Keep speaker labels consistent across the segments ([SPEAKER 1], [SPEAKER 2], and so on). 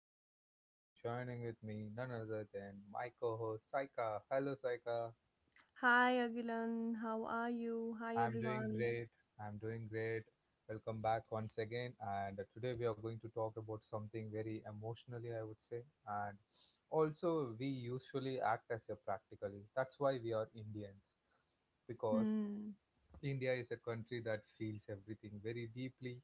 [SPEAKER 1] host Agilan and joining with me none other than my co-host Saika. Hello Saika.
[SPEAKER 2] Hi Agilan, how are you? Hi
[SPEAKER 1] I'm doing
[SPEAKER 2] everyone.
[SPEAKER 1] great. I'm doing great. Welcome back once again, and today we are going to talk about something very emotionally, I would say, and also we usually act as a practically. That's why we are Indians, because
[SPEAKER 2] Hmm.
[SPEAKER 1] India is a country that feels everything very deeply,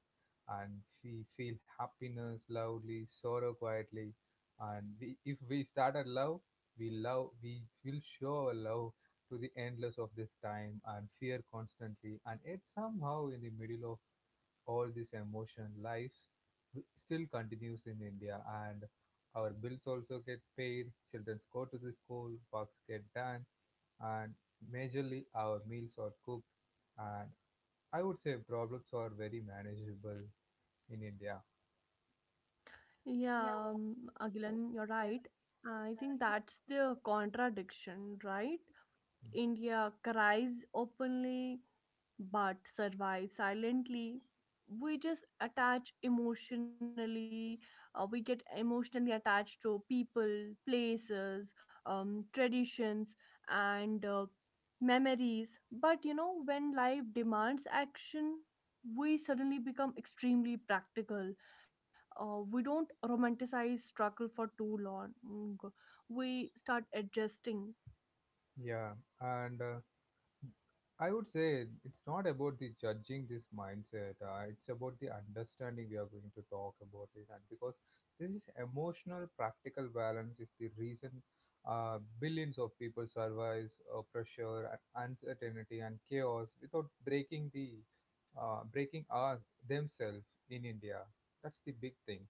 [SPEAKER 1] and we feel happiness loudly, sorrow quietly, and we, if we start a love, we will show our love to the endless of this time and fear constantly, and yet somehow in the middle of all this emotion, life still continues in India, and our bills also get paid, children go to the school, works get done, and majorly our meals are cooked, uh, I would say problems are very manageable in India.
[SPEAKER 2] Yeah, Agilan, you're right. I think that's the contradiction, right?
[SPEAKER 1] Mm.
[SPEAKER 2] India cries openly but survive silently. We just attach emotionally. We get emotionally attached to people, places, traditions, and memories. But you know, when life demands action, we suddenly become extremely practical. We don't romanticize struggle for too long. We start adjusting.
[SPEAKER 1] Yeah, and I would say it's not about the judging this mindset. It's about the understanding we are going to talk about it, and because this is emotional, practical balance is the reason billions of people survive pressure and uncertainty and chaos without breaking the breaking our themselves in India. That's the big thing.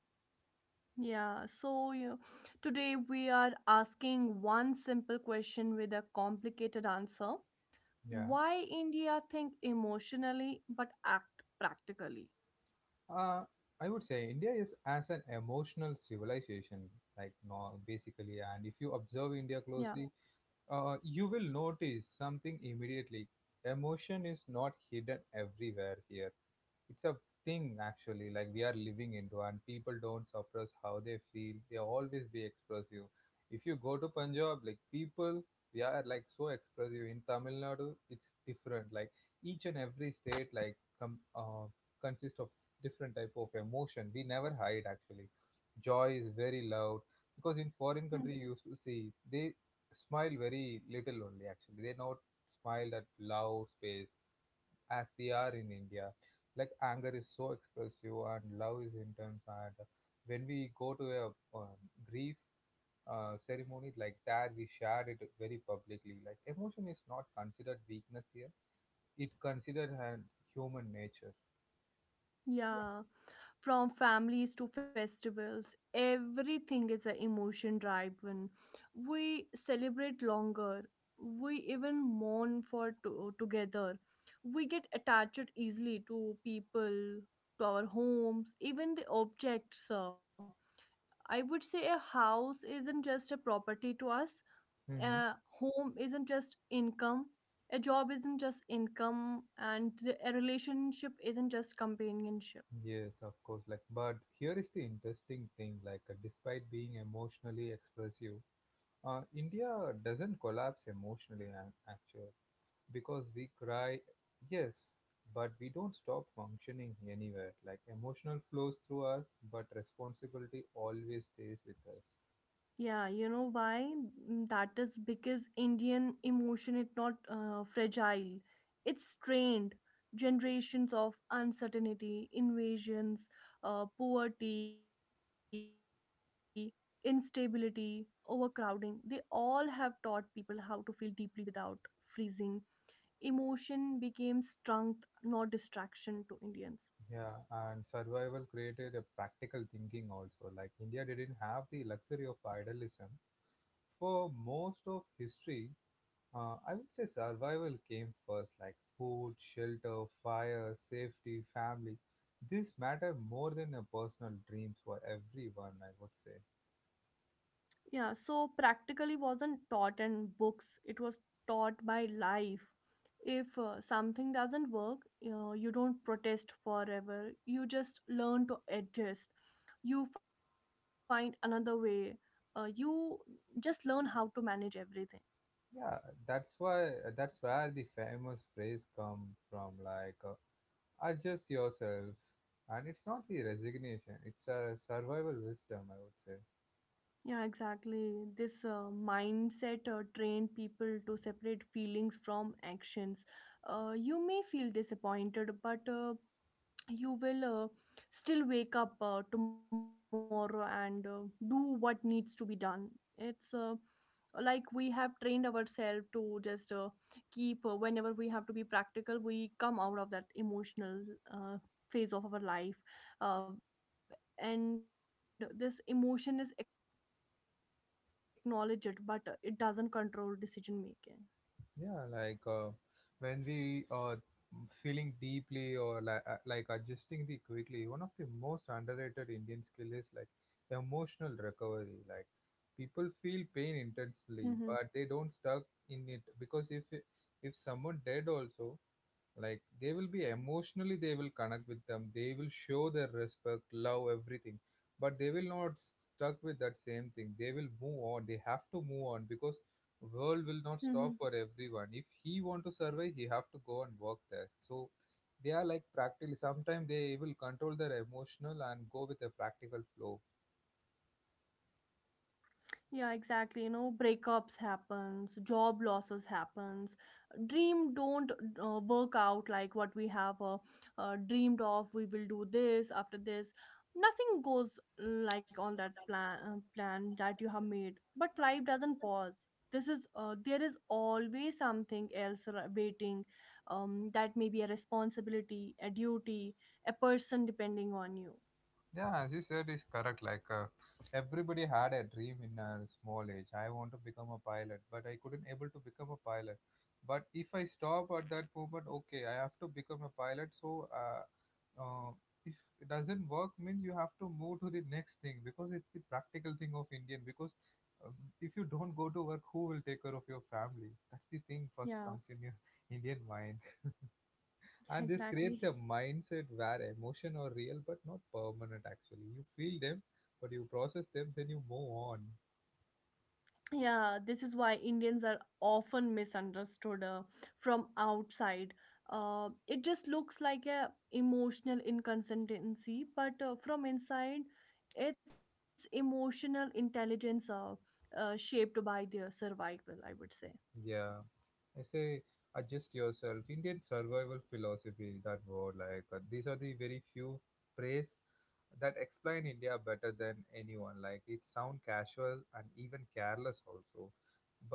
[SPEAKER 2] Yeah, so you today we are asking one simple question with a complicated answer.
[SPEAKER 1] Yeah.
[SPEAKER 2] Why India think emotionally but act practically?
[SPEAKER 1] Uh, I would say India is as an emotional civilization, like no, basically. And if you observe India
[SPEAKER 2] Yeah.
[SPEAKER 1] closely, you will notice something immediately. Emotion is not hidden everywhere here, it's a thing actually, like we are living into, and people don't suppress how they feel, they always be expressive. If you go to Punjab, like people, they are like so expressive. In Tamil Nadu it's different, like each and every state, like consists of different type of emotion, we never hide actually. Joy is very
[SPEAKER 2] Hmm.
[SPEAKER 1] loud because in foreign country you used to see they smile very little only, actually they not smile at loud space as we are in India. Like anger is so expressive and love is intense. And when we go to a um, grief ceremony like that, we share it very publicly. Like emotion is not considered weakness here; it considered an human nature.
[SPEAKER 2] Yeah. From families to festivals, everything is an emotion driven. We celebrate longer. We even mourn together. We get attached easily to people, to our homes, even the objects. I would say a house isn't just a property to us,
[SPEAKER 1] Mm-hmm.
[SPEAKER 2] a home isn't just income, a job isn't just income, and a relationship isn't just companionship.
[SPEAKER 1] Yes, of course. Like, but here is the interesting thing. Like, despite being emotionally expressive, India doesn't collapse emotionally. Actually, because we cry, yes, but we don't stop functioning anywhere. Like emotional flows through us, but responsibility always stays with us.
[SPEAKER 2] Yeah, you know why? That is because Indian emotion is not fragile. It's strained. Generations of uncertainty, invasions, poverty, instability, overcrowding, they all have taught people how to feel deeply without freezing. Emotion became strength, not distraction to Indians.
[SPEAKER 1] Yeah, and survival created a practical thinking also. Like India didn't have the luxury of idealism. For most of history, I would say survival came first, like food, shelter, fire, safety, family. This matter more than a personal dreams for everyone, I would say.
[SPEAKER 2] Yeah, so practically wasn't taught in books, it was taught by life. If something doesn't work, you know, you don't protest forever. You just learn to adjust. You find another way. You just learn how to manage everything.
[SPEAKER 1] Yeah, that's why that's where the famous phrase come from, like adjust yourselves. And it's not the resignation; it's a survival wisdom, I would say.
[SPEAKER 2] Yeah, exactly. This mindset trained people to separate feelings from actions. You may feel disappointed, but you will still wake up tomorrow and do what needs to be done. It's Like we have trained ourselves to just keep, whenever we have to be practical, we come out of that emotional uh, phase of our life, and this emotion is acknowledged but it doesn't control decision making.
[SPEAKER 1] Yeah, like when we are feeling deeply, or like adjusting the quickly. One of the most underrated Indian skill is like emotional recovery. Like people feel pain intensely, but they don't stuck in it, because if someone dead also, like they will be emotionally, they will connect with them, they will show their respect, love, everything, but they will not stuck with that same thing, they will move on, they have to move on, because world will
[SPEAKER 2] Mm-hmm.
[SPEAKER 1] not stop for everyone. If he want to survive, he have to go and work there, so they are like practically sometimes they will control their emotional and go with a practical flow.
[SPEAKER 2] Yeah, exactly. You know, breakups happens, job losses happens, dream don't work out like what we have dreamed of. We will do this after this. Nothing goes like on that plan that you have made. But life doesn't pause. This is There is always something else waiting. That may be a responsibility, a duty, a person depending on you.
[SPEAKER 1] Yeah, as you said, is correct. Like everybody had a dream in a small age. I want to become a pilot, but I couldn't able to become a pilot. But if I stop at that moment, okay, I have to become a pilot. So uh, uh, if it doesn't work, means you have to move to the next thing, because it's the practical thing of Indian. Because um, if you don't go to work, who will take care of your family? That's the thing first
[SPEAKER 2] Yeah,
[SPEAKER 1] comes in your Indian mind. And
[SPEAKER 2] yeah,
[SPEAKER 1] this creates a
[SPEAKER 2] exactly.
[SPEAKER 1] mindset where emotion are real but not permanent. Actually you feel them, but you process them, then you move on.
[SPEAKER 2] Yeah, this is why Indians are often misunderstood, from outside. It just looks like a emotional inconsistency, but from inside it's emotional intelligence, shaped by their survival, I would say.
[SPEAKER 1] Yeah, I say adjust yourself, Indian survival philosophy. That word, like these are the very few phrase that explain India better than anyone. Like it sound casual and even careless also,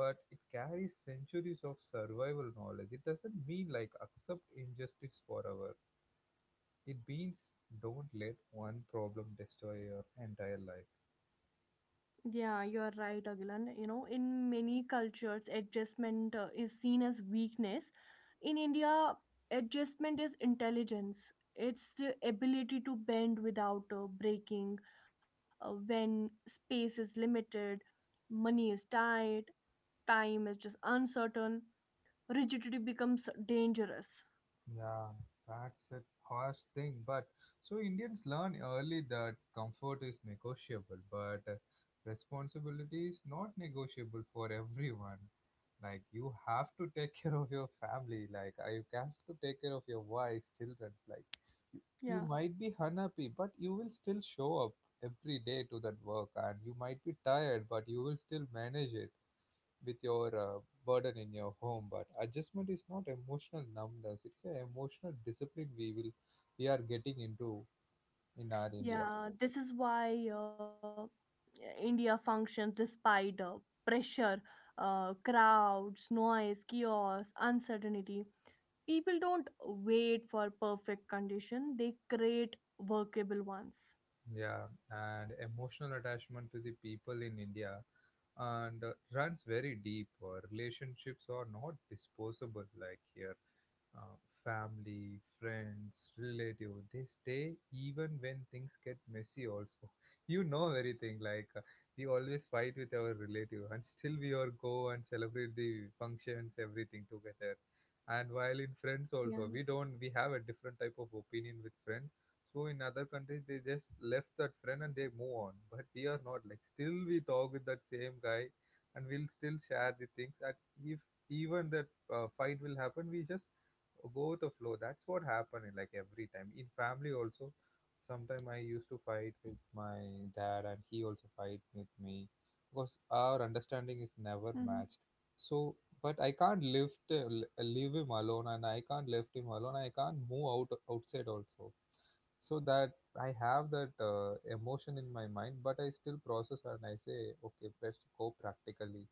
[SPEAKER 1] but it carries centuries of survival knowledge. It doesn't mean like accept injustice forever. It means don't let one problem destroy your entire life.
[SPEAKER 2] Yeah, you are right, Agilan. You know, in many cultures adjustment is seen as weakness. In India, adjustment is intelligence. It's the ability to bend without breaking. When space is limited, money is tight, time is just uncertain, rigidity becomes dangerous.
[SPEAKER 1] Yeah, that's a harsh thing, but so Indians learn early that comfort is negotiable, but responsibility is not negotiable for everyone. Like you have to take care of your family. Like you have to take care of your wife, children. Like you
[SPEAKER 2] Yeah.
[SPEAKER 1] might be unhappy, but you will still show up every day to that work, and you might be tired, but you will still manage it with your burden in your home. But adjustment is not emotional numbness, it's an emotional discipline we will, we are getting into in our India.
[SPEAKER 2] Yeah, this is why India functions despite pressure, crowds, noise, chaos, uncertainty. People don't wait for perfect condition, they create workable ones.
[SPEAKER 1] Yeah, and emotional attachment to the people in India and runs very deep. Relationships are not disposable like here. uh, Family, friends, relative, they stay even when things get messy also. You know everything, like we always fight with our relative and still we all go and celebrate the functions, everything together. And while in friends
[SPEAKER 2] Yeah.
[SPEAKER 1] also, we don't, we have a different type of opinion with friends. So in other countries, they just left that friend and they move on. But we are not like, still we talk with that same guy and we'll still share the things. And if even that fight will happen, we just go with the flow. That's what happened in, like every time in family also. Sometime I used to fight with my dad, and he also fight with me, because our
[SPEAKER 2] Hmm.
[SPEAKER 1] understanding is never matched. So, but I can't lift leave him alone, and I can't left him alone. I can't move out outside also. So that I have that emotion in my mind, but I still process and I say, okay, let's go practically.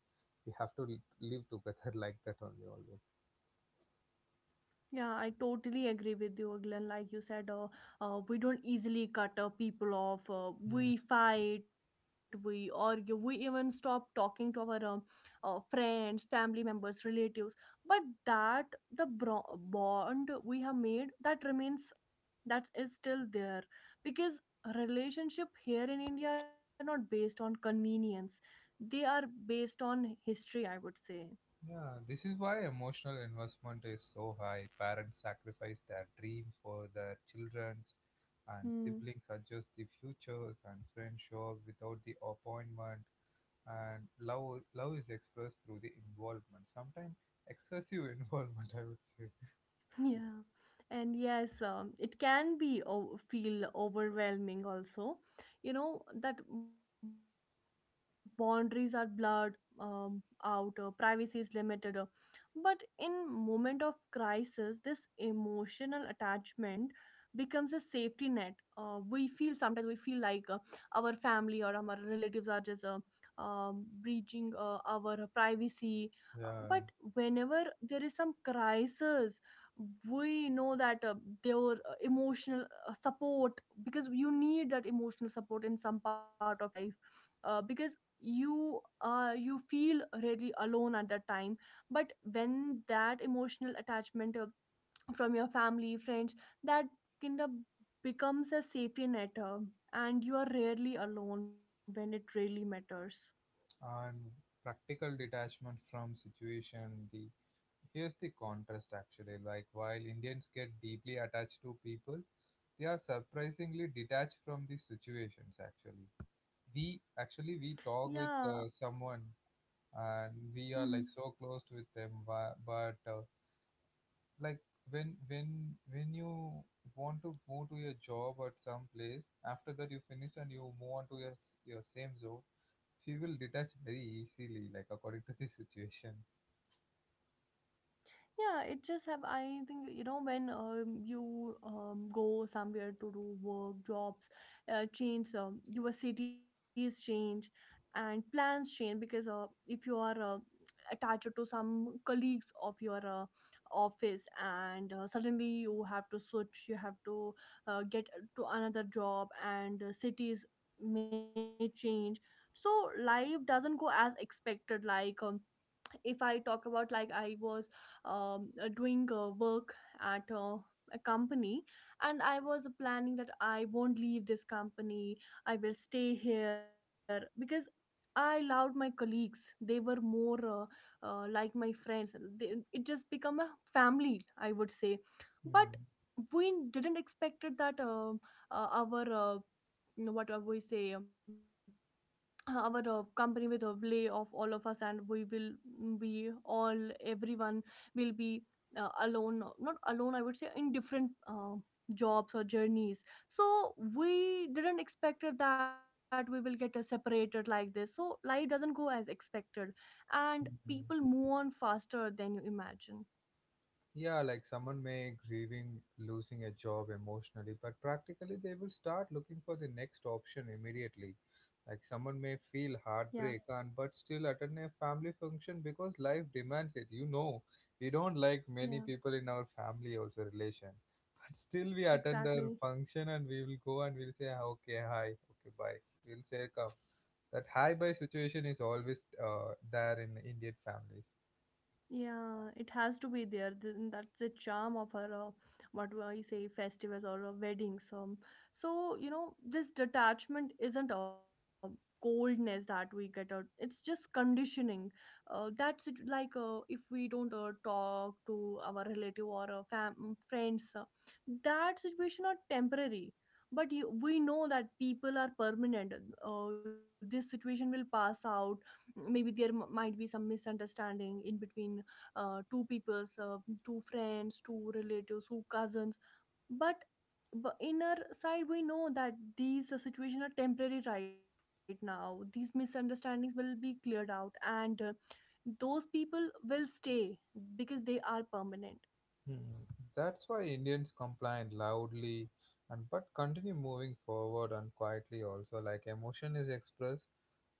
[SPEAKER 1] We have to live together like that only always.
[SPEAKER 2] Yeah, I totally agree with you, Glenn. Like you said, we don't easily cut people off. We fight, we argue, we even stop talking to our friends, family members, relatives. But that the bond we have made that remains, that is still there, because relationship here in India are not based on convenience, they are based on history, I would say.
[SPEAKER 1] Yeah, this is why emotional investment is so high. Parents sacrifice their dreams for their children's, and
[SPEAKER 2] Hmm.
[SPEAKER 1] siblings adjust the futures, and friends show up without the appointment. And love, love is expressed through the involvement. Sometimes excessive involvement, I would say.
[SPEAKER 2] Yeah, and yes, it can be feel overwhelming also. You know that boundaries are blurred, privacy is limited. But in moment of crisis, this emotional attachment becomes a safety net. We feel sometimes we feel like our family or our relatives are just breaching our privacy. Uh,
[SPEAKER 1] Yeah,
[SPEAKER 2] but whenever there is some crisis we know that their emotional support, because you need that emotional support in some part of your life, because you you feel really alone at that time. But when that emotional attachment from your family friends, that kind of becomes a safety net, and you are rarely alone when it really matters.
[SPEAKER 1] and practical detachment from situation, the here's the contrast actually, like while Indians get deeply attached to people, they are surprisingly detached from these situations actually. We actually we
[SPEAKER 2] Yeah.
[SPEAKER 1] talk with someone and
[SPEAKER 2] Mm-hmm.
[SPEAKER 1] we are like so close with them, but like when when when you want to move to your job at some place, after that you finish and you move on to your your same zone, she will detach very easily, like according to the situation.
[SPEAKER 2] Yeah, it just have. I think you know, when you go somewhere to do work, jobs change, your cities change, and plans change, because if you are attached to some colleagues of your office, and suddenly you have to switch, you have to get to another job, and cities may change. So life doesn't go as expected. Like if I talk about, like, I was doing work at a company, and I was planning that I won't leave this company, I will stay here because I loved my colleagues, they were more like my friends, it just become a family, I would say. But
[SPEAKER 1] Hmm.
[SPEAKER 2] we didn't expect it that our what we say our company with a lay off all of us, and we will be all, everyone will be alone, not alone, I would say, in different jobs or journeys. So we didn't expect it that we will get separated like this. So life doesn't go as expected, and people move on faster than you imagine.
[SPEAKER 1] Yeah, like someone may grieving losing a job emotionally, but practically they will start looking for the next option immediately. Like someone may
[SPEAKER 2] Yeah.
[SPEAKER 1] feel heartbreak and but still attend a family function because life demands it. You know, we don't like
[SPEAKER 2] Yeah,
[SPEAKER 1] many people in our family also relation, but still we attend
[SPEAKER 2] exactly.
[SPEAKER 1] their function and we will go and we'll say "Ah, okay hi, okay bye. We'll say come." That hi bye situation is always there in Indian families.
[SPEAKER 2] Yeah, it has to be there. That's the charm of our, what do I say, festivals or weddings. So, you know, this detachment isn't a coldness that we get out. It's just conditioning. That's it. Like if we don't talk to our relative or friends, that situation are temporary. But you, we know that people are permanent. This situation will pass out, maybe there might be some misunderstanding in between two peoples, two friends, two relatives, two cousins, but but in our side we know that these situations are temporary right now, these misunderstandings will be cleared out, and those people will stay because they are permanent.
[SPEAKER 1] Hmm. That's why Indians complain loudly and but continue moving forward and quietly also. Like emotion is expressed,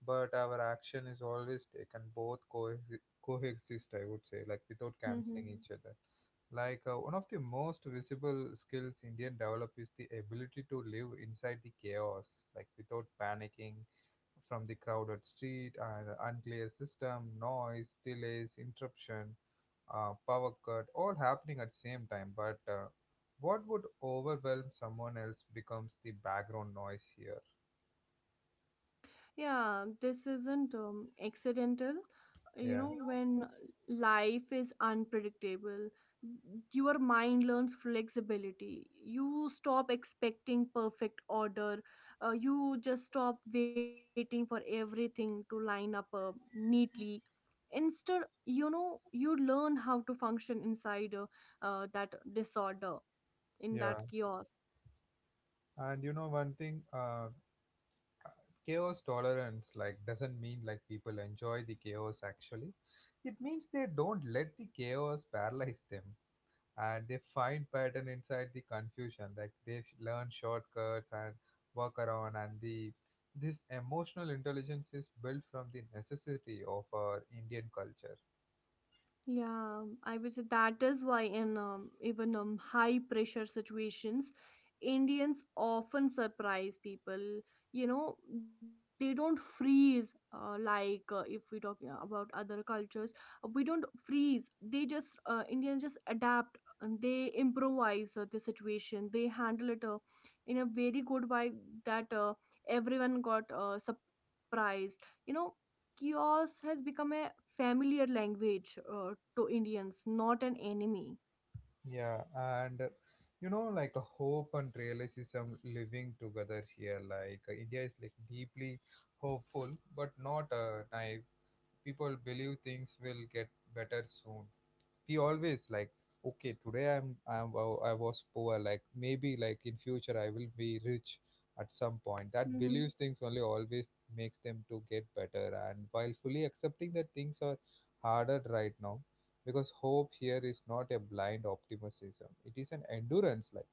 [SPEAKER 1] but our action is always taken. Both coexist, I would say, like without
[SPEAKER 2] Mm-hmm.
[SPEAKER 1] canceling each other. Like one of the most visible skills Indian develop is the ability to live inside the chaos, like without panicking, from the crowded street and unclear system, noise, delays, interruption, power cut, all happening at the same time. But what would overwhelm someone else becomes the background noise here.
[SPEAKER 2] Yeah, this isn't accidental. You
[SPEAKER 1] Yeah.
[SPEAKER 2] know, when life is unpredictable, your mind learns flexibility. You stop expecting perfect order. You just stop waiting for everything to line up neatly. Instead, you know, you learn how to function inside that disorder, in
[SPEAKER 1] Yeah,
[SPEAKER 2] that chaos.
[SPEAKER 1] and you know one thing, chaos tolerance like doesn't mean like people enjoy the chaos actually. It means they don't let the chaos paralyze them. And they find pattern inside the confusion, like they learn shortcuts and work around. And the this emotional intelligence is built from the necessity of our Indian culture.
[SPEAKER 2] Yeah, I would say that is why in even high pressure situations, Indians often surprise people. You know, they don't freeze like if we talk about other cultures. We don't freeze. They just Indians just adapt and they improvise the situation. They handle it in a very good way, that everyone got surprised. You know, chaos has become a familiar language to Indians, not an enemy.
[SPEAKER 1] Yeah, and you know, like a hope and realism living together here, like India is like deeply hopeful, but not naive. People believe things will get better soon. We always like, okay, today I was poor, like maybe like in future I will be rich. At some point that believes
[SPEAKER 2] Mm-hmm.
[SPEAKER 1] things only always makes them to get better, and while fully accepting that things are harder right now. Because hope here is not a blind optimism, it is an endurance. Like,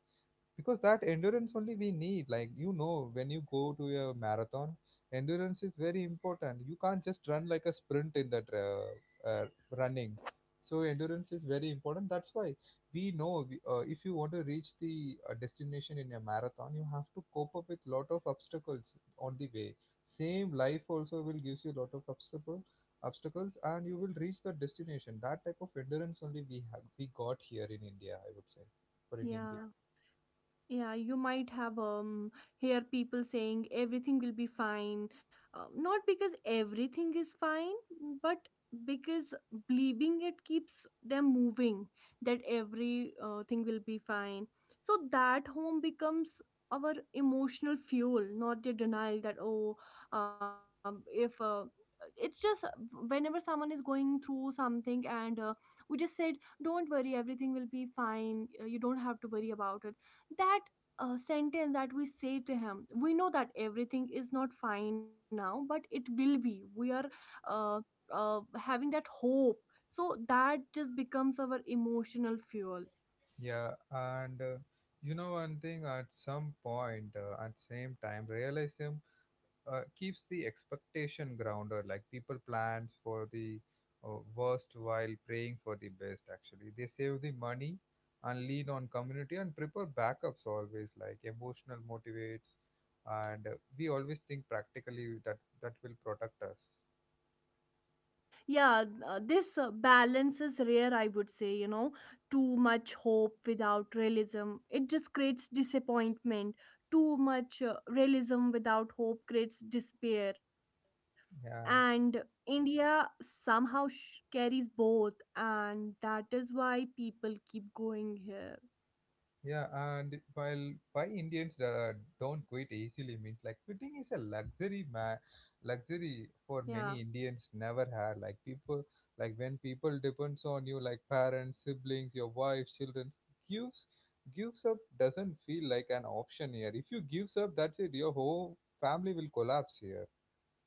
[SPEAKER 1] because that endurance only we need, like, you know, when you go to a marathon, endurance is very important. You can't just run like a sprint in that running. So endurance is very important, that's why we know if you want to reach the destination in a marathon, you have to cope up with lot of obstacles on the way. Same life also will gives you lot of obstacles, and you will reach the destination. That type of endurance only we got here in India, I would say, for Indian people.
[SPEAKER 2] Yeah. Yeah, you might have hear people saying everything will be fine. Not because everything is fine, but because believing it keeps them moving, that every thing will be fine. So that home becomes our emotional fuel, not the denial that oh, if it's just whenever someone is going through something, and we just said don't worry everything will be fine. You don't have to worry about it, that sentence that we say to him. We know that everything is not fine now, but it will be. We are uh, having that hope, so that just becomes our emotional fuel.
[SPEAKER 1] Yeah, and you know, one thing, at some point, at same time, realism keeps the expectation grounded. Like people plans for the worst while praying for the best. Actually they save the money and lean on community and prepare backups always, like emotional motivates. And we always think practically that will protect us.
[SPEAKER 2] Yeah, this balance is rare, I would say. You know, too much hope without realism, it just creates disappointment. Too much realism without hope creates despair. And
[SPEAKER 1] Yeah.
[SPEAKER 2] India somehow carries both, and that is why people keep going here.
[SPEAKER 1] Yeah, and while why Indians don't quit easily means, like, quitting is a luxury, luxury for
[SPEAKER 2] Yeah,
[SPEAKER 1] many Indians never had. Like people, like when people depends on you, like parents, siblings, your wife, children, gives gives up doesn't feel like an option here. If you gives up, that's it. Your whole family will collapse here.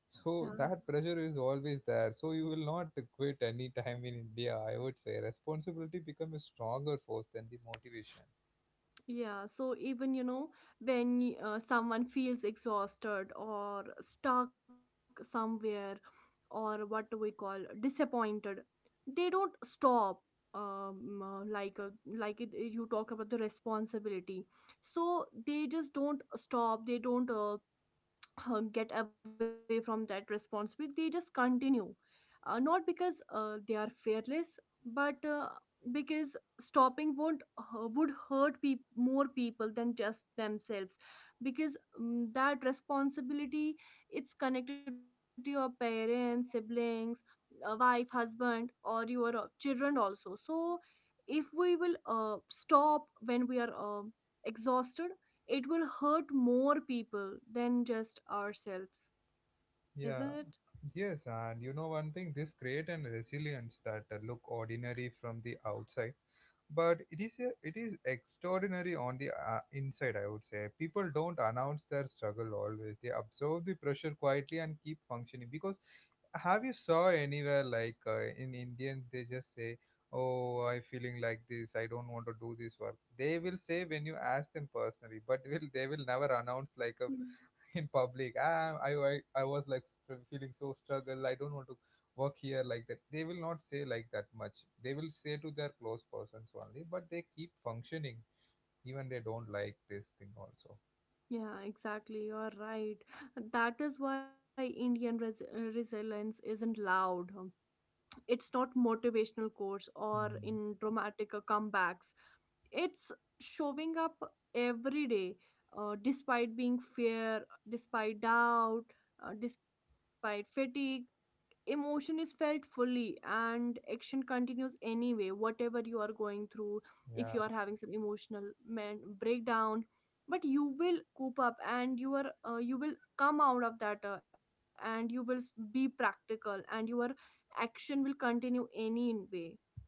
[SPEAKER 1] So
[SPEAKER 2] yeah.
[SPEAKER 1] that pressure is always there. So you will not quit any time in India. I would say responsibility become a stronger force than the motivation.
[SPEAKER 2] Yeah, so even you know, when someone feels exhausted or stuck somewhere, or what do we call disappointed, they don't stop. Like, you talked about the responsibility, so they just don't stop. They don't get away from that responsibility, they just continue, not because they are fearless, but because stopping won't would hurt peop more people than just themselves, because that responsibility, it's connected to your parents, siblings, wife, husband, or your children also. So if we will stop when we are exhausted, it will hurt more people than just ourselves, isn't it?
[SPEAKER 1] Yeah, yes, and you know, one thing, this great and resilience that look ordinary from the outside, but it is extraordinary on the inside. I would say people don't announce their struggle always; they absorb the pressure quietly and keep functioning. Because have you saw anywhere like in Indian they just say, "Oh, I feeling like this. I don't want to do this work." They will say when you ask them personally, but will they will never announce like a
[SPEAKER 2] Mm.
[SPEAKER 1] in public. I was like feeling so struggle. I don't want to work here like that. They will not say like that much. They will say to their close persons only, but they keep functioning even they don't like this thing also.
[SPEAKER 2] Yeah, exactly. You're right. That is why Indian resilience isn't loud. It's not motivational course or in
[SPEAKER 1] Hmm.
[SPEAKER 2] dramatic comebacks. It's showing up every day, despite being fear, despite doubt, despite fatigue. Emotion is felt fully and action continues anyway. Whatever you are going through, if you
[SPEAKER 1] Yeah.
[SPEAKER 2] are having some emotional man breakdown, but you will coop up and you are you will come out of that and you will be practical and your action will continue anyway.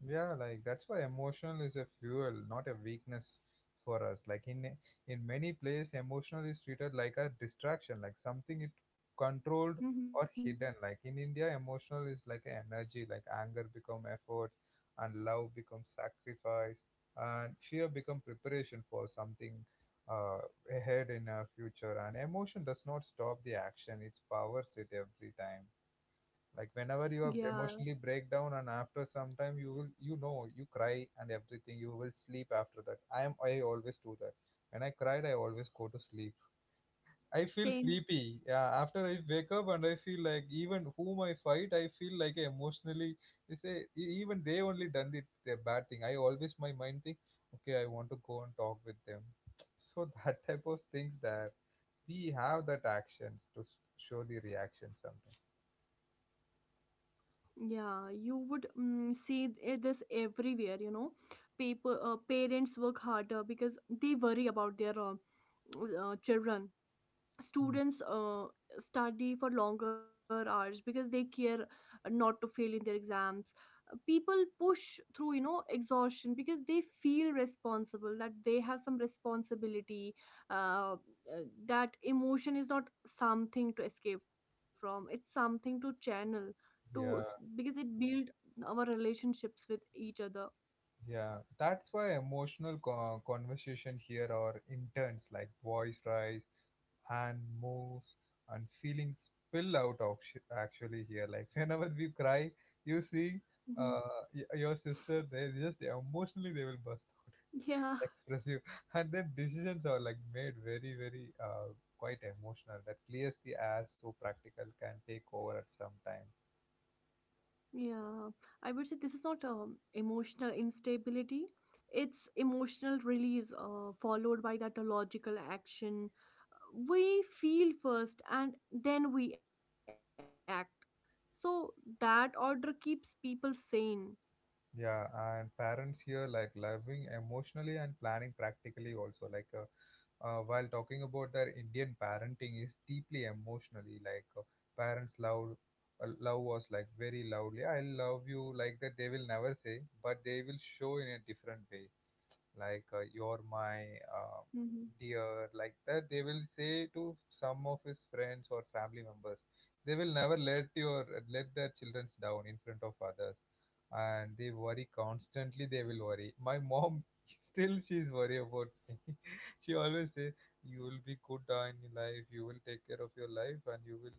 [SPEAKER 1] Yeah, like that's why emotional is a fuel, not a weakness for us. Like in many places, emotional is treated like a distraction, like something it controlled
[SPEAKER 2] Mm-hmm.
[SPEAKER 1] or hidden. Like in India, emotional is like an energy, like anger become effort, and love becomes sacrifice, and fear become preparation for something uh, ahead in our future. And emotion does not stop the action; it powers it every time. Like whenever
[SPEAKER 2] Yeah.
[SPEAKER 1] you are emotionally break down and after some time you will, you know, you cry and everything you will sleep after that. I always do that. When I cried I always go to sleep. I feel
[SPEAKER 2] Same.
[SPEAKER 1] sleepy. Yeah, after I wake up and I feel like even whom I fight, I feel like emotionally they say, even they only done the bad thing, I always my mind think, okay, I want to go and talk with them. So that type of things that we have, that actions to show the reaction sometimes.
[SPEAKER 2] Yeah, you would see this everywhere, you know. Paper Parents work harder because they worry about their children
[SPEAKER 1] Hmm.
[SPEAKER 2] students study for longer hours because they care not to fail in their exams. People push through exhaustion because they feel responsible that they have some responsibility. uh, uh, that emotion is not something to escape from, it's something to channel to,
[SPEAKER 1] Yeah.
[SPEAKER 2] because it build our relationships with each other.
[SPEAKER 1] Yeah, that's why emotional conversation here are intense, like voice rise, hand moves, and feelings spill out of actually here. Like whenever we cry, you see,
[SPEAKER 2] Mhm.
[SPEAKER 1] your sister, they just emotionally they will burst out,
[SPEAKER 2] Yeah.
[SPEAKER 1] expressive, and then decisions are like made very, very quite emotional. That clears the air so practical can take over at some time.
[SPEAKER 2] Yeah, I would say this is not emotional instability. It's emotional release, followed by that logical action. We feel first and then we act. So that order keeps people sane.
[SPEAKER 1] Yeah, and parents here like loving emotionally and planning practically also. Like while talking about their Indian parenting is deeply emotionally, like parents love us like very loudly. "I love you" like that they will never say, but they will show in a different way, like you're my uh,
[SPEAKER 2] Mm-hmm.
[SPEAKER 1] dear, like that they will say to some of his friends or family members. They will never let their children down in front of others. And they worry constantly, they will worry. My mom still she's worried about me. She always says, you will be good in your life, you will take care of your life, and you will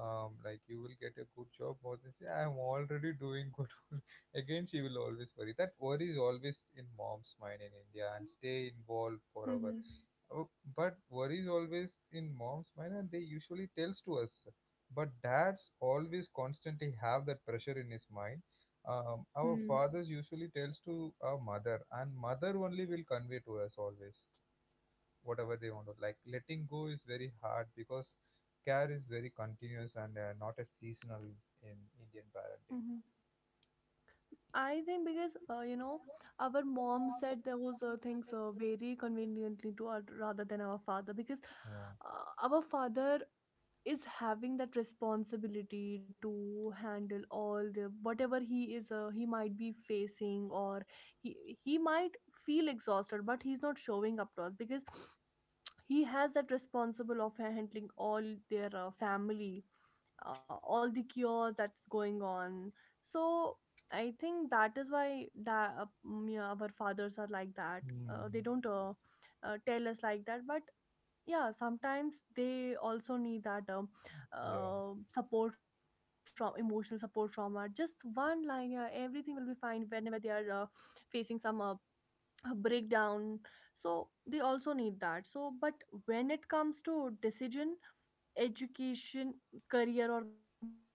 [SPEAKER 1] like you will get a good job. More than say, I'm already doing good. Again she will always worry. That worry is always in mom's mind in India, and stay involved forever.
[SPEAKER 2] Mm-hmm.
[SPEAKER 1] Oh, but worry is always in mom's mind, and they usually tells to us. But dads always constantly have that pressure in his mind. Our
[SPEAKER 2] Hmm.
[SPEAKER 1] fathers usually tells to our mother, and mother only will convey to us always whatever they want to. Like letting go is very hard because care is very continuous and not a seasonal in Indian
[SPEAKER 2] Hmm.
[SPEAKER 1] parenting.
[SPEAKER 2] I think because our mom said those things very conveniently to our rather than our father, because
[SPEAKER 1] Oh.
[SPEAKER 2] our father is having that responsibility to handle all the whatever he is, he might be facing, or he might feel exhausted but he's not showing up to us because he has that responsible of handling all their family, all the cures that's going on. So I think that is why yeah, our fathers are like that. They
[SPEAKER 1] Hmm.
[SPEAKER 2] don't tell us like that, but yeah, sometimes they also need that
[SPEAKER 1] Yeah.
[SPEAKER 2] support from, emotional support from our just one line. Yeah, everything will be fine whenever they are facing some a breakdown. So they also need that. So, but when it comes to decision, education, career, or marriage,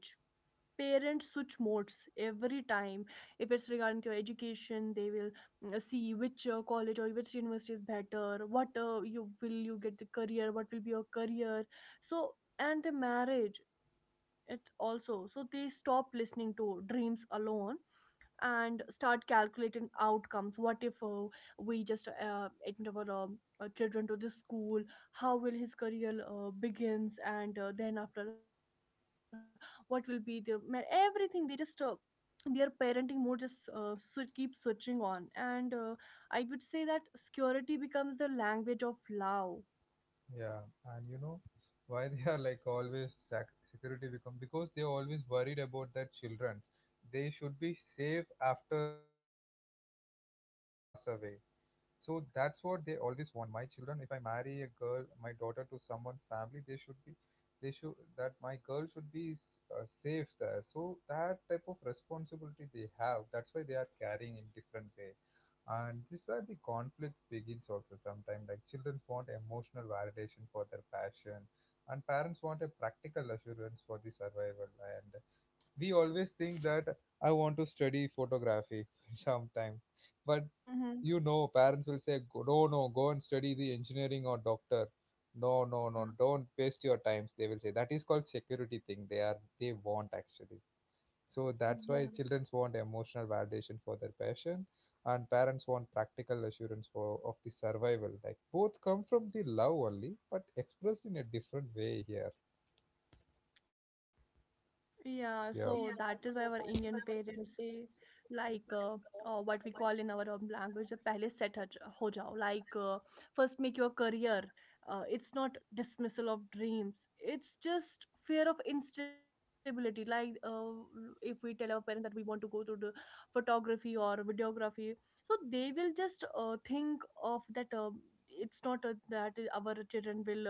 [SPEAKER 2] parents switch modes every time. If it's regarding to your education, they will see which college or which university is better, what you will you get the career, what will be your career. So and the marriage it also. So they stop listening to dreams alone and start calculating outcomes. What if we just admit our children to this school, how will his career begins, and then after what will be the everything. They just their parenting mode just keep switching on, and I would say that security becomes the language of love.
[SPEAKER 1] Yeah, and you know why they are like always security become, because they're always worried about their children, they should be safe after when we pass away. So that's what they always want. My children, if I marry a girl, my daughter to someone family, they should that my girl should be safe there. So that type of responsibility they have. That's why they are carrying in different way, and this is where the conflict begins also. Sometimes, like, children want emotional validation for their passion, and parents want a practical assurance for the survival. And we always think that I want to study photography sometime, but
[SPEAKER 2] Hmm.
[SPEAKER 1] you know, parents will say, No, no, go and study the engineering or doctor. No, no,
[SPEAKER 2] Yeah.
[SPEAKER 1] no, don't waste your times." They will say, that is called security thing. They want actually. So that's why
[SPEAKER 2] Yeah.
[SPEAKER 1] children want emotional validation for their passion, and parents want practical assurance for of the survival. Like both come from the love only, but expressed in a different way here.
[SPEAKER 2] Yeah, so that is why our
[SPEAKER 1] Yeah.
[SPEAKER 2] Indian parents say, like, what we call in our language, pehle set ho jao, like, first make your career. It's not dismissal of dreams. It's just fear of instability. Like, if we tell our parents that we want to go to the photography or videography, so they will just think of that. It's not that our children will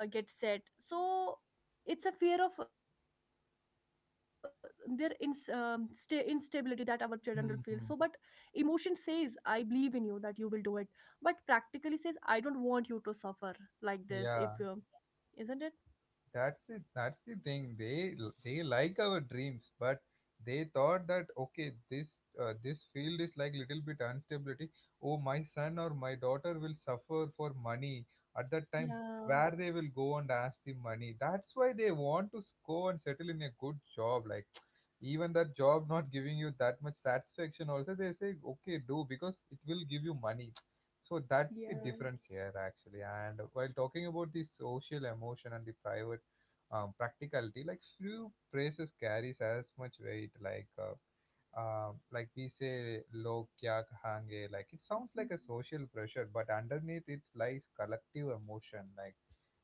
[SPEAKER 2] get set. So it's a fear of their instability that our children will feel. So, but emotion
[SPEAKER 1] Hmm.
[SPEAKER 2] says I believe in you, that you will do it, but practically says I don't want you to suffer like this if
[SPEAKER 1] Yeah.
[SPEAKER 2] you, isn't it?
[SPEAKER 1] That's it, that's the thing. They like our dreams, but they thought that, okay, this field is like little bit instability. Oh, my son or my daughter will suffer for money at that time.
[SPEAKER 2] Yeah.
[SPEAKER 1] Where they will go and ask the money? That's why they want to go and settle in a good job. Like even that job not giving you that much satisfaction also, they say, okay, do, because it will give you money. So that's the
[SPEAKER 2] Yeah.
[SPEAKER 1] difference here actually. And while talking about the social emotion and the private practicality, like few phrases carries as much weight, like we say log kya kahange, like it sounds
[SPEAKER 2] Mm-hmm.
[SPEAKER 1] like a social pressure, but underneath it lies collective emotion, like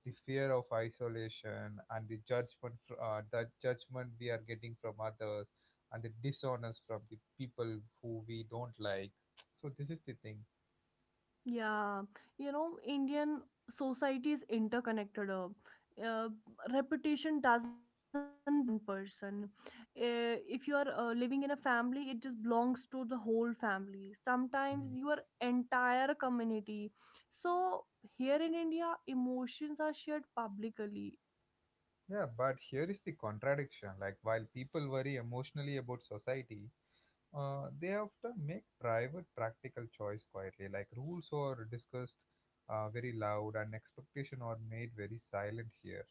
[SPEAKER 1] the fear of isolation and the judgment the judgment we are getting from others, and the dishonest from the people who we don't like. So this is the thing.
[SPEAKER 2] Yeah, you know, Indian society is interconnected. Uh, Reputation doesn't belong to one person. Uh, if you are living in a family, it just belongs to the whole family.
[SPEAKER 1] Mhm.
[SPEAKER 2] Sometimes your entire community. So here in India, emotions are shared publicly.
[SPEAKER 1] Yeah, but here is the contradiction, like while people worry emotionally about society, they often make private practical choice quietly. Like rules are discussed very loud and expectation are made very silent here.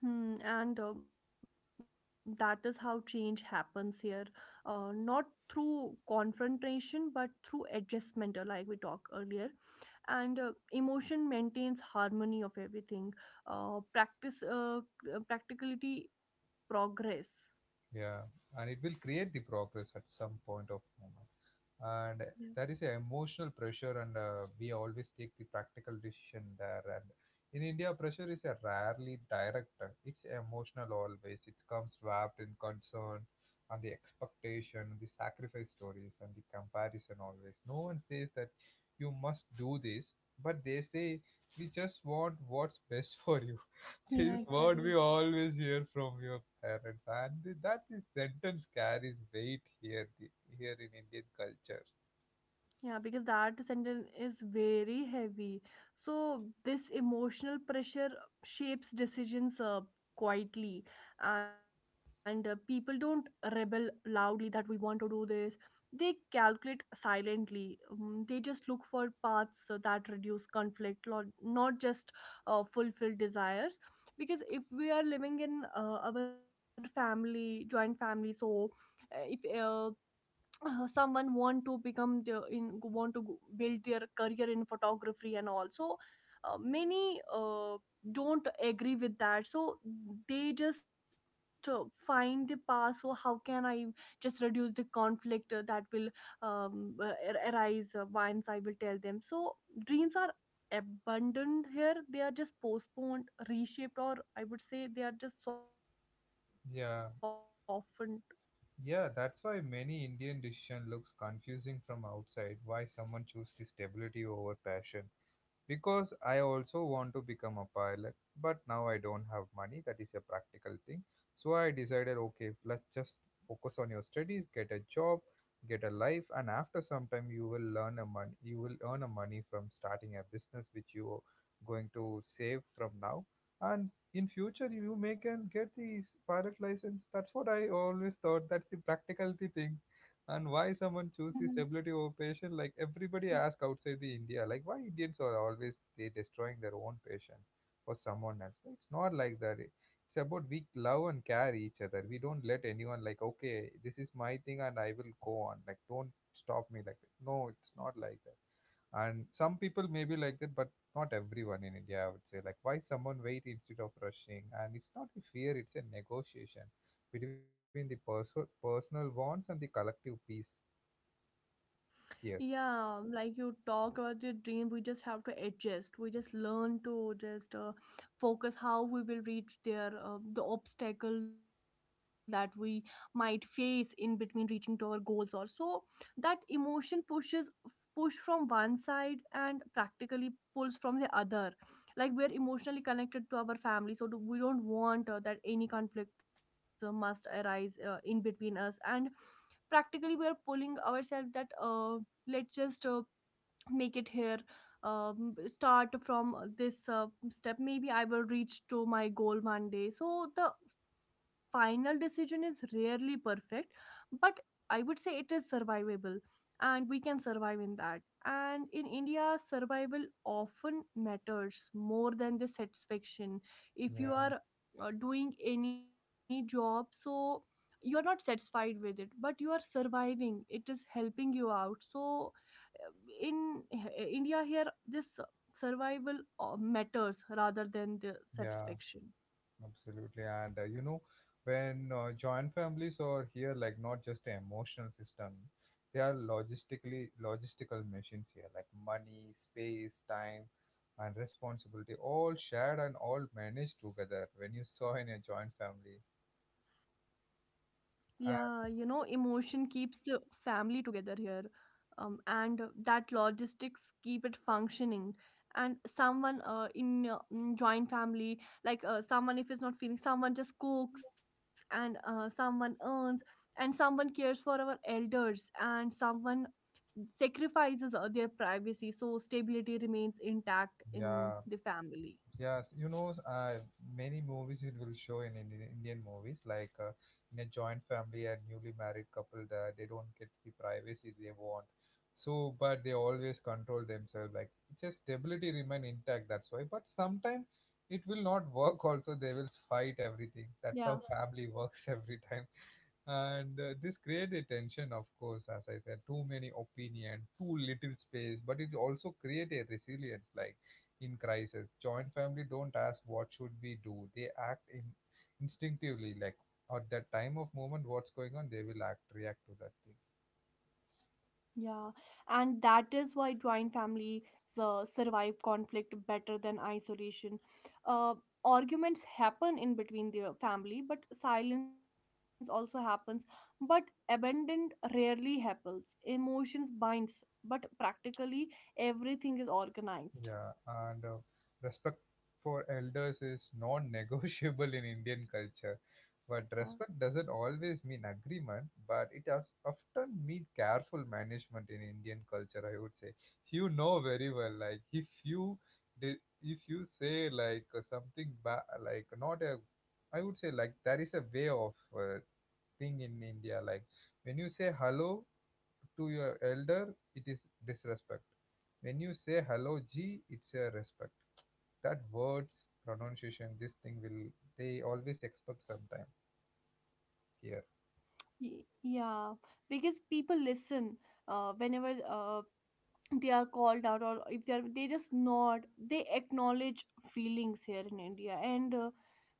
[SPEAKER 2] Hmm, and that is how change happens here. Not through confrontation, but through adjustment, like we talked earlier. And emotion maintains harmony of everything. Practice Practicality creates progress.
[SPEAKER 1] Yeah, and it will create the progress at some point of moment. And
[SPEAKER 2] Yeah,
[SPEAKER 1] that is a emotional pressure, and we always take the practical decision there. And in India pressure is a rarely direct, it's emotional always. It comes wrapped in concern and the expectation, the sacrifice stories, and the comparison always. No one says that you must do this, but they say, we just want what's best for you. This
[SPEAKER 2] yeah,
[SPEAKER 1] is what we
[SPEAKER 2] exactly.
[SPEAKER 1] always hear from your parents. And that is sentence carries weight here, here in Indian culture.
[SPEAKER 2] Yeah, because that sentence is very heavy. So this emotional pressure shapes decisions quietly, and people don't rebel loudly that we want to do this. They calculate silently. They just look for paths that reduce conflict, not just fulfill desires. Because if we are living in our family, joint family, so if someone want to become the, in want to go- build their career in photography and all. So many don't agree with that, so they just find the path, so how can I just reduce the conflict that will arise once I will tell them. So dreams are abandoned here, they are just postponed, reshaped, or I would say they are just softened.
[SPEAKER 1] Yeah, yeah, that's why many Indian decision looks confusing from outside. Why someone choose the stability over passion, because I also want to become a pilot, but now I don't have money. That is a practical thing. So I decided, okay, let's just focus on your studies, get a job, get a life, and after some time you will learn a money. You will earn a money from starting a business which you are going to save from now, and in future you may can get the pilot license. That's what I always thought. That's the practicality thing. And why
[SPEAKER 2] Hmm.
[SPEAKER 1] someone choose the stability over passion, like everybody ask outside the India, like why Indians are always they destroying their own patient? For someone else it's not like that. It's about we love and care each other, we don't let anyone like, okay, this is my thing and I will go on, like, don't stop me like that. No, it's not like that. And some people may be like that, but not everyone in India, I would say. Like why someone wait instead of rushing, and it's not a fear, it's a negotiation between the personal wants and the collective peace. Yes,
[SPEAKER 2] Yeah, like you talked about your dream, we just have to adjust. We just learn to just focus how we will reach there, the obstacle that we might face in between reaching to our goals or so. That emotion pushes push from one side and practically pulls from the other. Like we're emotionally connected to our family, so do, we don't want that any conflicts must arise in between us, and practically we are pulling ourselves that let's just make it here, start from this step, maybe I will reach to my goal one day. So the final decision is rarely perfect, but I would say it is survivable, and we can survive in that. And in India survival often matters more than the satisfaction. If you
[SPEAKER 1] yeah,
[SPEAKER 2] are doing any job, so you are not satisfied with it but you are surviving, it is helping you out. So in India here this survival matters rather than the
[SPEAKER 1] yeah,
[SPEAKER 2] satisfaction.
[SPEAKER 1] absolutely. And when joint families are here, like not just an emotional system, they are logistical machines here, like money, space, time, and responsibility, all shared and all managed together. When you saw in a joint family, and
[SPEAKER 2] Yeah, you know, emotion keeps the family together here. And that logistics keep it functioning. And someone in joint family, like someone if is not feeling, someone just cooks and someone earns, and someone cares for our elders, and someone sacrifices their privacy, so stability remains intact in
[SPEAKER 1] yeah,
[SPEAKER 2] the family.
[SPEAKER 1] yes, many movies it will show in Indian, Indian movies, like in a joint family, a newly married couple that they don't get the privacy they want. So, but they always control themselves. Like it's a stability remain intact. That's why. But sometimes it will not work. Also, they will fight everything. That's how
[SPEAKER 2] Yeah.
[SPEAKER 1] family works every time. And this created a tension, of course, as I said, too many opinion, too little space, but it also create a resilience. Like in crisis, joint family don't ask what should we do, they act in instinctively. Like at that time of moment what's going on, they will act, react to that thing.
[SPEAKER 2] Yeah, and that is why joint families survive conflict better than isolation. Uh, Arguments happen in between the family, but silence also happens. But abandon rarely happens. Emotions binds, but practically everything is organized.
[SPEAKER 1] Yeah, and respect for elders is non-negotiable in Indian culture. But
[SPEAKER 2] Yeah.
[SPEAKER 1] respect doesn't always mean agreement, but it has often mean careful management in Indian culture, I would say. You know very well, like if you if you say like something like not a, I would say like there is a way of thing in India. Like when you say hello to your elder, it is disrespect. When you say hello, G, it's a respect. That words, pronunciation, this thing will, they always expect sometime here.
[SPEAKER 2] Yeah, because people listen whenever they are called out, or if they are they just nod, they acknowledge feelings here in India. And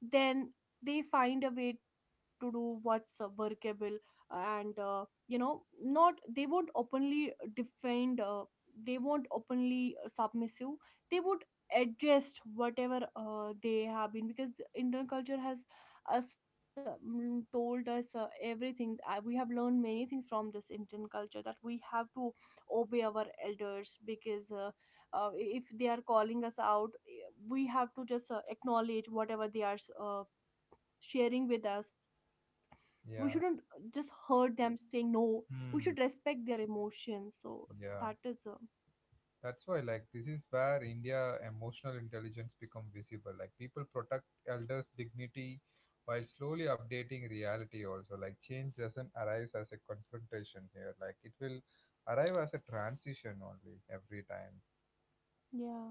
[SPEAKER 2] then they find a way to do what's workable. And not they won't openly defend, they won't openly submissive, they would adjust whatever they have been, because the Indian culture has us told us everything. We have learned many things from this Indian culture that we have to obey our elders, because if they are calling us out, we have to just acknowledge whatever they are sharing with us. We shouldn't just
[SPEAKER 1] Yeah.
[SPEAKER 2] hurt them saying no, we should
[SPEAKER 1] Hmm.
[SPEAKER 2] respect their emotions. So that
[SPEAKER 1] Yeah.
[SPEAKER 2] is
[SPEAKER 1] That's why, like, this is where India emotional intelligence become visible. Like, people protect elders' dignity while slowly updating reality also. Like, change doesn't arrive as a confrontation here. Like, it will arrive as a transition only every time.
[SPEAKER 2] yeah.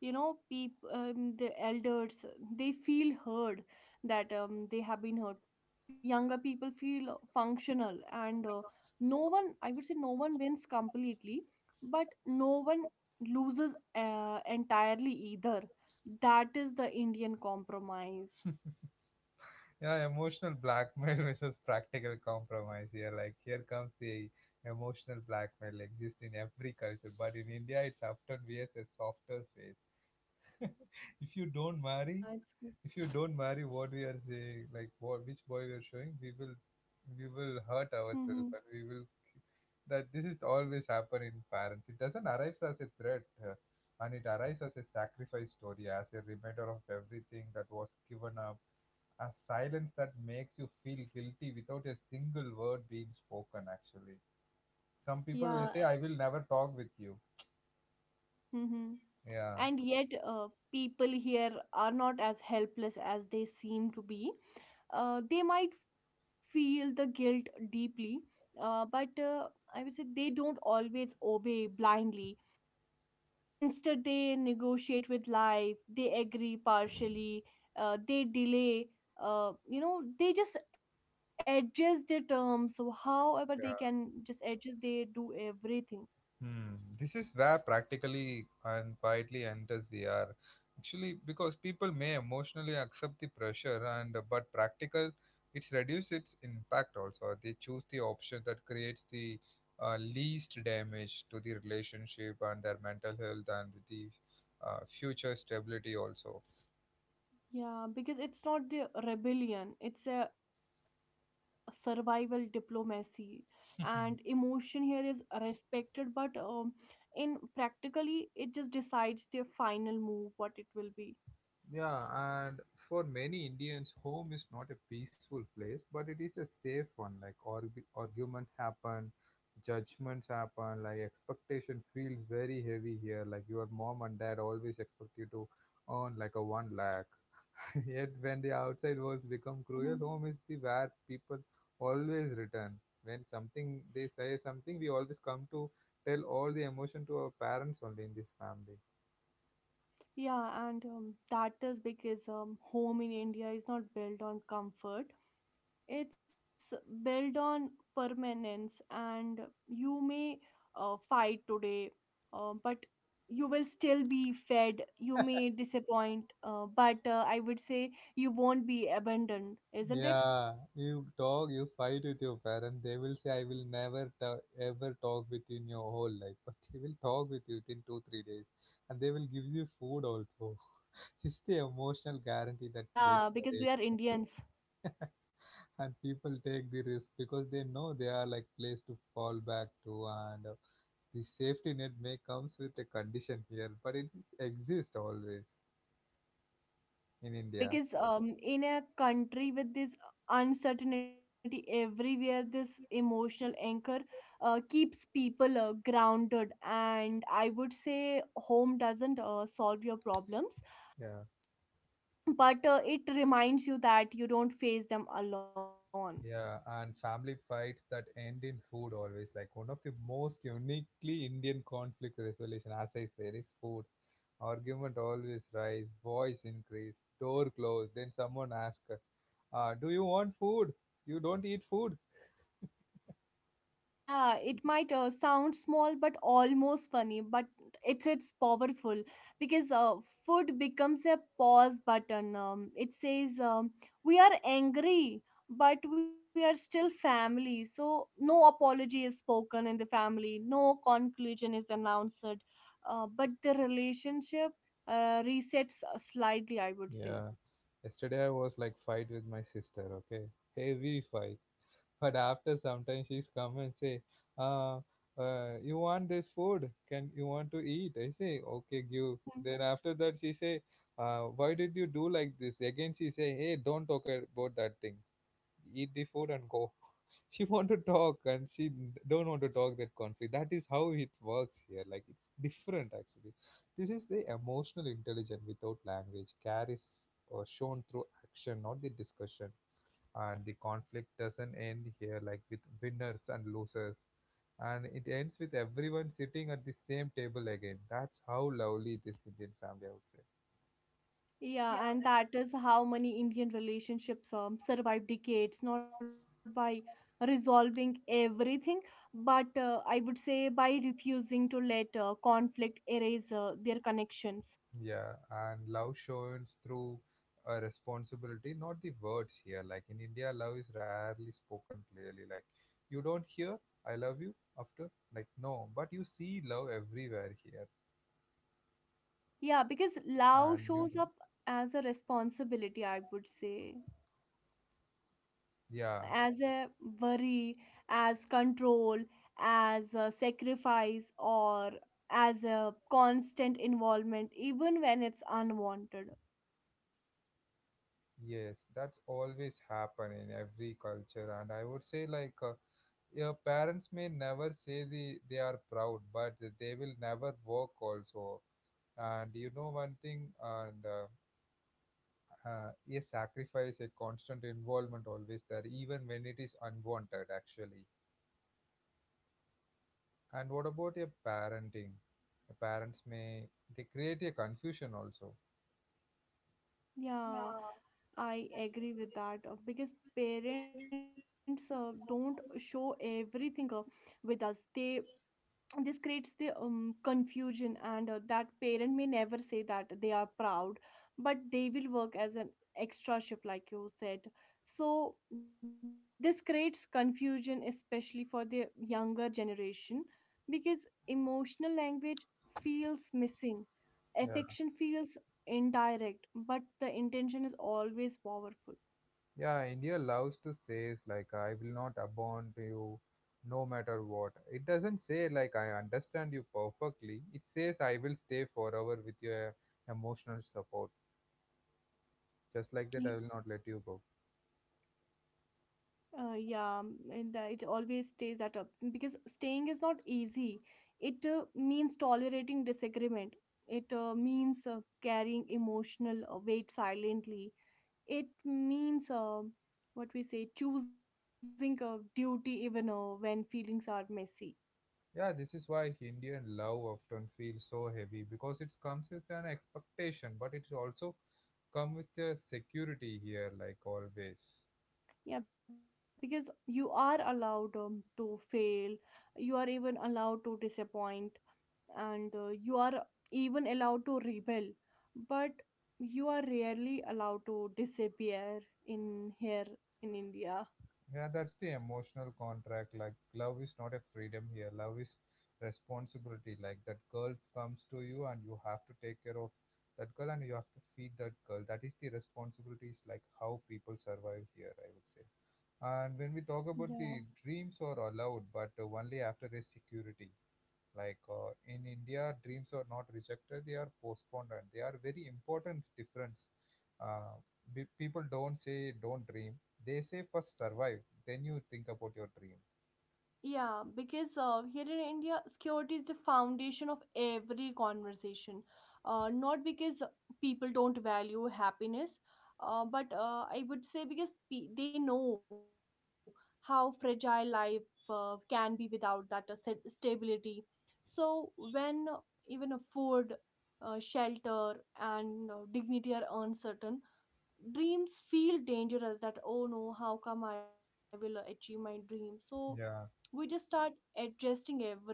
[SPEAKER 2] You know people, the elders, they feel heard, that they have been heard, younger people feel functional. And no one, I would say no one wins completely, but no one loses entirely either. That is the Indian compromise.
[SPEAKER 1] Yeah, emotional blackmail versus practical compromise here. Like here comes the emotional blackmail exists in every culture, but in India it's often wears a softer face. If you don't marry,
[SPEAKER 2] Yeah, it's good.
[SPEAKER 1] if you don't marry what we are saying, like what which boy we are showing, we will hurt
[SPEAKER 2] Hmm.
[SPEAKER 1] ourselves and we will that this is always happen in parents. It doesn't arrive as a threat, and it arrives as a sacrifice story, as a reminder of everything that was given up, a silence that makes you feel guilty without a single word being spoken, actually. Some people will
[SPEAKER 2] Yeah.
[SPEAKER 1] say, I will never talk with you.
[SPEAKER 2] Mm-hmm.
[SPEAKER 1] Yeah.
[SPEAKER 2] And yet, people here are not as helpless as they seem to be. They might feel the guilt deeply, but I would say they don't always obey blindly. Instead, they negotiate with life, they agree partially, they delay. You know, they just adjust their terms. So, however, they can
[SPEAKER 1] Yeah.
[SPEAKER 2] just adjust, they do everything.
[SPEAKER 1] Hmm. This is where practically and quietly enters VR. Actually, because people may emotionally accept the pressure, and but practical, it's reduced its impact also. They choose the option that creates the least damage to the relationship and their mental health and the future stability also.
[SPEAKER 2] Yeah, because it's not the rebellion, it's a survival diplomacy. And emotion here is respected, but in practically, it just decides their final move, what it will be.
[SPEAKER 1] Yeah, and for many Indians, home is not a peaceful place, but it is a safe one. Like argument happen, judgments happen, like expectation feels very heavy here. Like your mom and dad always expect you to earn like a 1 lakh. Yet when the outside worlds become
[SPEAKER 2] Hmm.
[SPEAKER 1] cruel, home is the where people always return. When something they say something, we always come to tell all the emotion to our parents only in this family.
[SPEAKER 2] Yeah, and that is because home in India is not built on comfort. It's built on permanence, and you may fight today, but you will still be fed. You may disappoint, but I would say you won't be abandoned, isn't it?
[SPEAKER 1] Yeah, you talk, you fight with your parents. They will say, "I will never ta- ever talk with you in your whole life," but they will talk with you within 2-3 days, and they will give you food also. It's the emotional guarantee
[SPEAKER 2] Yeah,
[SPEAKER 1] that creates
[SPEAKER 2] because we are
[SPEAKER 1] courage,
[SPEAKER 2] Indians.
[SPEAKER 1] and people take the risk because they know they are like place to fall back to, and the safety net may comes with a condition here, but it is- exists always in
[SPEAKER 2] Yeah,
[SPEAKER 1] India.
[SPEAKER 2] because in a country with this uncertainty everywhere, this emotional anchor keeps people grounded. And I would say home doesn't solve your problems,
[SPEAKER 1] Yeah.
[SPEAKER 2] but it reminds you that you don't face them alone.
[SPEAKER 1] Yeah, and family fights that end in food always. Like one of the most uniquely Indian conflict resolution, as I said, is food. Argument always rise, voice increase, door close. Then someone asks, "Do you want food? You don't eat food."
[SPEAKER 2] Yeah, it might sound small but almost funny, but it's powerful because food becomes a pause button. It says, we are angry but we are still family. So no apology is spoken in the family, no conclusion is announced, but the relationship resets slightly, I would
[SPEAKER 1] Yeah.
[SPEAKER 2] say.
[SPEAKER 1] Yesterday I was like fight with my sister. Okay, heavy fight. But after some time, she's come and say, uh, "You want this food? Can you want to eat?" I say, "Okay, give." Then after that, she say, "Why did you do like this?" Again, she say, "Hey, don't talk about that thing. Eat the food and go." She want to talk and she don't want to talk that conflict. That is how it works here. Like it's different actually. This is the emotional intelligence without language carries or shown through action, not the discussion, and the conflict doesn't end here like with winners and losers, and it ends with everyone sitting at the same table again. That's how lovely this Indian family, I would say.
[SPEAKER 2] Yeah, and that is how many Indian relationships survive decades, not by resolving everything, but I would say by refusing to let conflict erase their connections.
[SPEAKER 1] Yeah, and love shows through a responsibility, not the words here. Like in India love is rarely spoken clearly, like you don't hear I love you after, like no, but you see love everywhere here.
[SPEAKER 2] Yeah, because love
[SPEAKER 1] And you
[SPEAKER 2] shows
[SPEAKER 1] know,
[SPEAKER 2] up as a responsibility, I would say, you know,
[SPEAKER 1] yeah,
[SPEAKER 2] as a worry, as control, as a sacrifice, or as a constant involvement, even when it's unwanted.
[SPEAKER 1] yes, that's always happen in every culture, and I would say like your parents may never say the, they are proud, but they will never work also. And you know one thing, and a sacrifice, a constant involvement always there, even when it is unwanted actually. And what about your parenting? Your parents may they create a confusion also.
[SPEAKER 2] Yeah. I agree with that because parents don't show everything with us. They This creates the confusion, and that parent may never say that they are proud, but they will work as an extra shift, like you said. So this creates confusion, especially for the younger generation, because emotional language feels missing. Affection feels indirect, but the intention is always powerful.
[SPEAKER 1] Yeah, India loves to say is like I will not abandon you no matter what. It doesn't say like I understand you perfectly. It says I will stay forever with your emotional support. Just like that I will not let you
[SPEAKER 2] Y-
[SPEAKER 1] go.
[SPEAKER 2] Yeah, and that it always stays that up because staying is not easy. It means tolerating disagreement. It means carrying emotional weight silently. It means what we say, choosing a duty even when feelings are messy.
[SPEAKER 1] Yeah, this is why Indian love often feels so heavy because it comes with an expectation, but it's also come with a security here like always.
[SPEAKER 2] Yeah, because you are allowed to fail. You are even allowed to disappoint, and you are even allowed to rebel, but you are rarely allowed to disappear in here in India.
[SPEAKER 1] Yeah, that's the emotional contract. Like, love is not a freedom here. Love is responsibility. Like, that girl comes to you and you have to take care of that girl and you have to feed that girl. That is the responsibilities, like how people survive here, I would say. And when we talk about the dreams are allowed, but only after there's security, like in India dreams are not rejected, they are postponed, and they are very important difference. uh, People don't say don't dream, they say first survive, then you think about your dream.
[SPEAKER 2] Yeah, because here in India, security is the foundation of every conversation. Not because people don't value happiness, but I would say because they know how fragile life can be without that stability. So when even a food, shelter, and dignity are uncertain, dreams feel dangerous. That oh no, how come I will achieve my dream? So we
[SPEAKER 1] Yeah,
[SPEAKER 2] just start adjusting everything.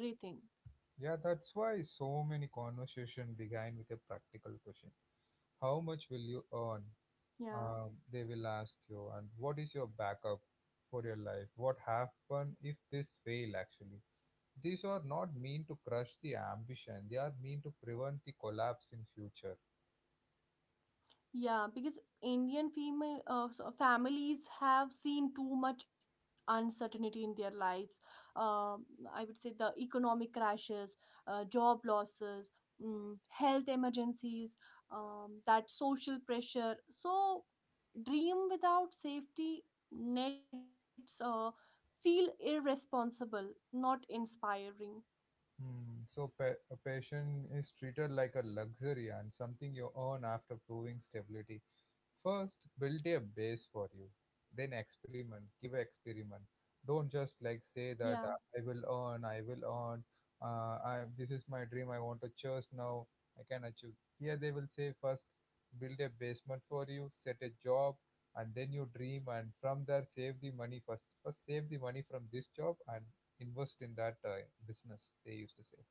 [SPEAKER 1] yeah, that's why so many conversation began with a practical question, how much will you earn.
[SPEAKER 2] Yeah.
[SPEAKER 1] They will ask you, and what is your backup for your life, what happen if this fail actually. These are not mean to crush the ambition. They are mean to prevent the collapse in future.
[SPEAKER 2] Yeah, because indian female so families have seen too much uncertainty in their lives, um, I would say the economic crashes, job losses, mm, health emergencies, that social pressure. So dream without safety nets feel irresponsible, not inspiring.
[SPEAKER 1] Hmm. So a passion is treated like a luxury and something you earn after proving stability. First, build a base for you. Then experiment, give a experiment. Don't just like say
[SPEAKER 2] Yeah.
[SPEAKER 1] that I will earn, I will earn. This is my dream. I want to church now. I can achieve. Here they will say first, build a basement for you, set a job, and then you dream. And from there, save the money first. First, save the money from this job and invest in that business. They used to say.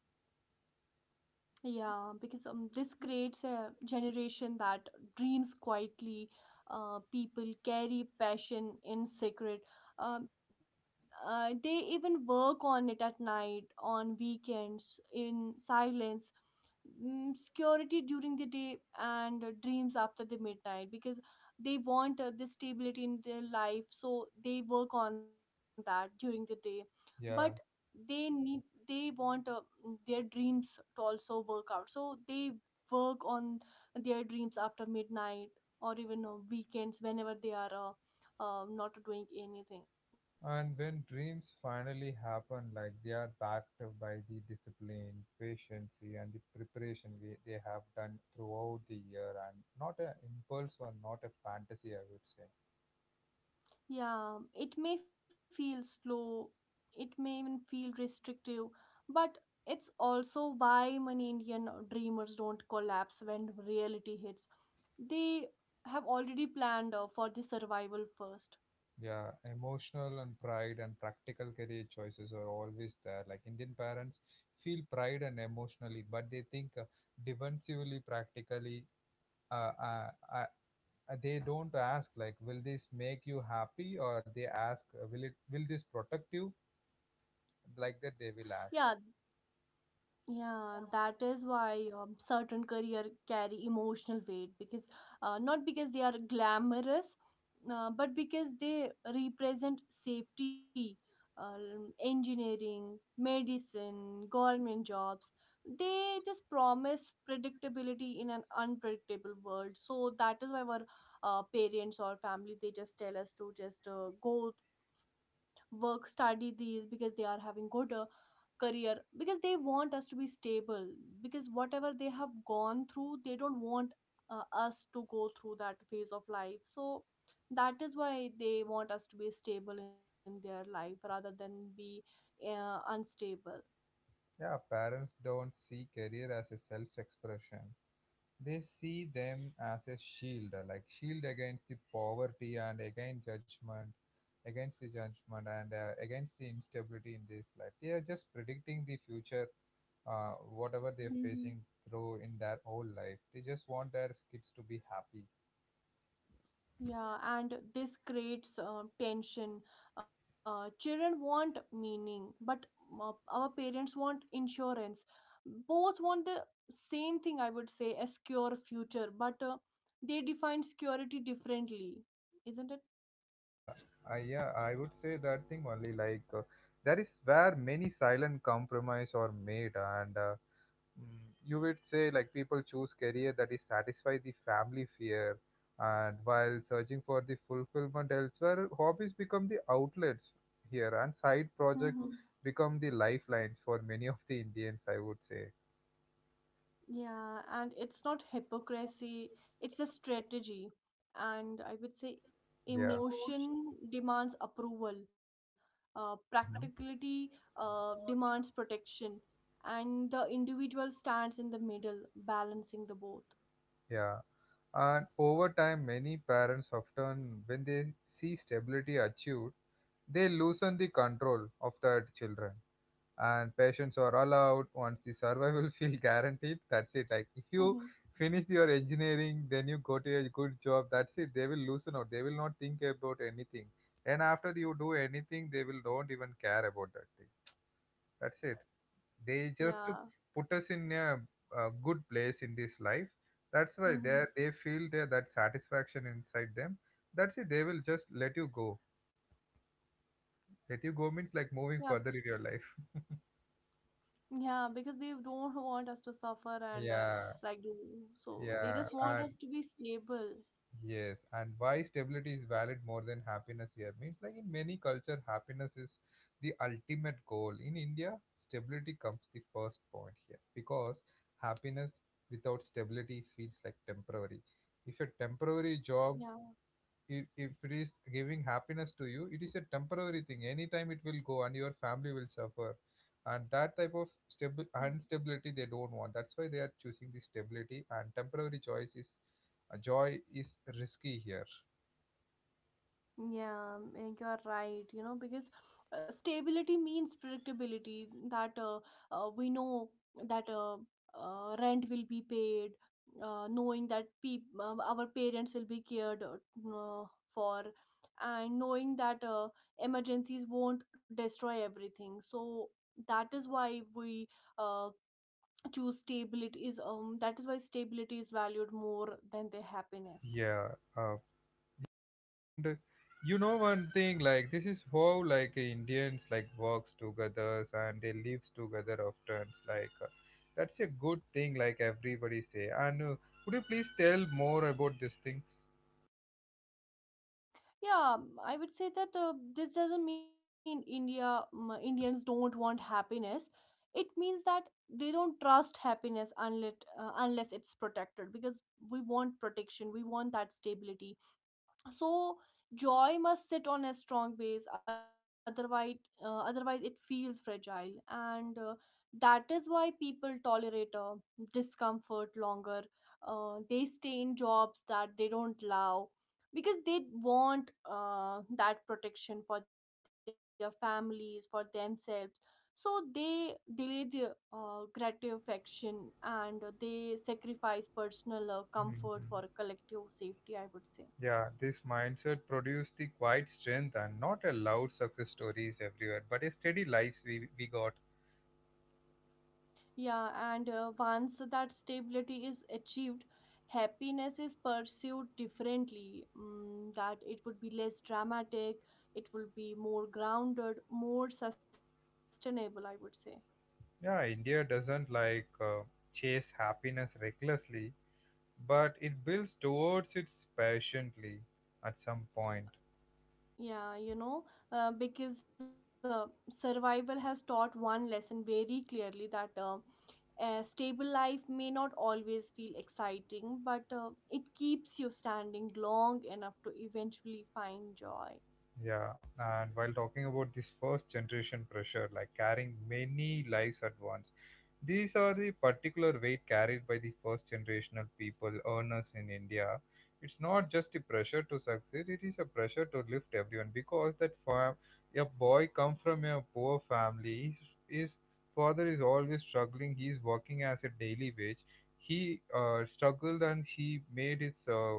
[SPEAKER 2] Yeah, because this creates a generation that dreams quietly. People carry passion in secret. Um, they even work on it at night, on weekends, in silence, security during the day and dreams after the midnight, because they want this stability in their life, so they work on that during the day. But
[SPEAKER 1] Yeah.
[SPEAKER 2] they need they want, their dreams to also work out, so they work on their dreams after midnight or even weekends, whenever they are not doing anything.
[SPEAKER 1] And when dreams finally happen, like they are backed up by the discipline, patience, and the preparation they have done throughout the year, and not an impulse or not a fantasy, I would say.
[SPEAKER 2] Yeah, it may feel slow, it may even feel restrictive, but it's also why many Indian dreamers don't collapse when reality hits. They have already planned for the survival first.
[SPEAKER 1] Yeah, emotional and pride and practical career choices are always there. Like Indian parents feel pride and emotionally, but they think defensively, practically. Uh, uh, uh, they don't ask like, will this make you happy, or they ask, will this protect you? Like that they will ask.
[SPEAKER 2] Yeah. Yeah, that is why certain career carry emotional weight because not because they are glamorous, but because they represent safety. Engineering, medicine, government jobs, they just promise predictability in an unpredictable world. So that is why our parents or family, they just tell us to just go work, study these because they are having good. Career because they want us to be stable, because whatever they have gone through they don't want us to go through that phase of life. So that is why they want us to be stable in their life rather than be unstable.
[SPEAKER 1] Yeah, parents don't see career as a self-expression, they see them as a shield, like shield against the poverty and against judgment, against the judgment and against the instability in this life. They are just predicting the future, uh, whatever they're facing through in their whole life. They just want their kids to be happy.
[SPEAKER 2] Yeah, and this creates tension. Children want meaning, but our parents want insurance. Both want the same thing, I would say, a secure future, but they define security differently, isn't
[SPEAKER 1] Yeah. I would say that thing only, like, that is where many silent compromise are made, and mm, you would say like people choose career that is satisfy the family fear, and while searching for the fulfillment elsewhere, hobbies become the outlets here and side
[SPEAKER 2] it?
[SPEAKER 1] projects become the lifelines for many of the Indians, I would say.
[SPEAKER 2] Yeah, and it's not hypocrisy, it's a strategy. And I would say
[SPEAKER 1] Yeah.
[SPEAKER 2] emotion demands approval,
[SPEAKER 1] Hmm.
[SPEAKER 2] practicality demands protection, and the individual stands in the middle, balancing the both.
[SPEAKER 1] Yeah, and over time many parents often when they see stability achieved, they loosen the control of their children, and patients are allowed once the survival feel guaranteed. That's it. Like if you
[SPEAKER 2] Hmm.
[SPEAKER 1] finish your engineering, then you go to a good job, that's it, they will loosen out, they will not think about anything. And after you do anything they will don't even care about that thing. That's it. They just to
[SPEAKER 2] Yeah.
[SPEAKER 1] put us in a good place in this life. That's why they
[SPEAKER 2] Hmm.
[SPEAKER 1] they feel that satisfaction inside them. That's it, they will just let you go. Let you go means like
[SPEAKER 2] Yeah,
[SPEAKER 1] moving further in your life.
[SPEAKER 2] yeah, because they don't want us to suffer and
[SPEAKER 1] Yeah.
[SPEAKER 2] like do so they
[SPEAKER 1] Yeah,
[SPEAKER 2] just want
[SPEAKER 1] and
[SPEAKER 2] us to be stable.
[SPEAKER 1] yes, and why stability is valid more than happiness here means like in many culture happiness is the ultimate goal. In India, stability comes the first point here because happiness without stability feels like temporary. If a temporary job,
[SPEAKER 2] Yeah.
[SPEAKER 1] if it is giving happiness to you, it is a temporary thing, anytime it will go and your family will suffer, and that type of
[SPEAKER 2] Yeah.
[SPEAKER 1] stable instability they don't want. That's why they are choosing the stability, and temporary choice is, joy is risky here.
[SPEAKER 2] Yeah, mm, you are right. You know, because stability means predictability, that we know that rent will be paid, knowing that peop our parents will be cared for, and knowing that emergencies won't destroy everything. So that is why we uh, choose stability is that is why stability is valued more than their happiness.
[SPEAKER 1] Yeah. uh, and you know, one thing, like this is how like Indians like works together and they lives together often, like, that's a good thing like everybody say. And could you please tell more about these things?
[SPEAKER 2] Yeah. I would say that this doesn't mean indians don't want happiness. It means that they don't trust happiness unless it's protected, because we want protection, we want that stability. So joy must sit on a strong base, otherwise it feels fragile. And that is why people tolerate discomfort longer. Uh, they stay in jobs that they don't love because they want that protection for their families, for themselves. So they delay the gratification and they sacrifice personal comfort for
[SPEAKER 1] Mhm.
[SPEAKER 2] collective safety, I would say.
[SPEAKER 1] Yeah, this mindset produced the quiet strength and not a loud success stories everywhere, but a steady lives we got.
[SPEAKER 2] Yeah, and once that stability is achieved, happiness is pursued differently. Mm, that it would be less dramatic, it will be more grounded, more sustainable, I would say.
[SPEAKER 1] Yeah, India doesn't like chase happiness recklessly, but it builds towards it patiently at some point.
[SPEAKER 2] Yeah, you know, because survival has taught one lesson very clearly, that a stable life may not always feel exciting, but it keeps you standing long enough to eventually find joy.
[SPEAKER 1] Yeah, and while talking about this first generation pressure, like carrying many lives at once, these are the particular weight carried by the first generational people earners in India. It's not just a pressure to succeed, it is a pressure to lift everyone because that a boy come from a poor family, his father is always struggling, he is working as a daily wage. He struggled and he made his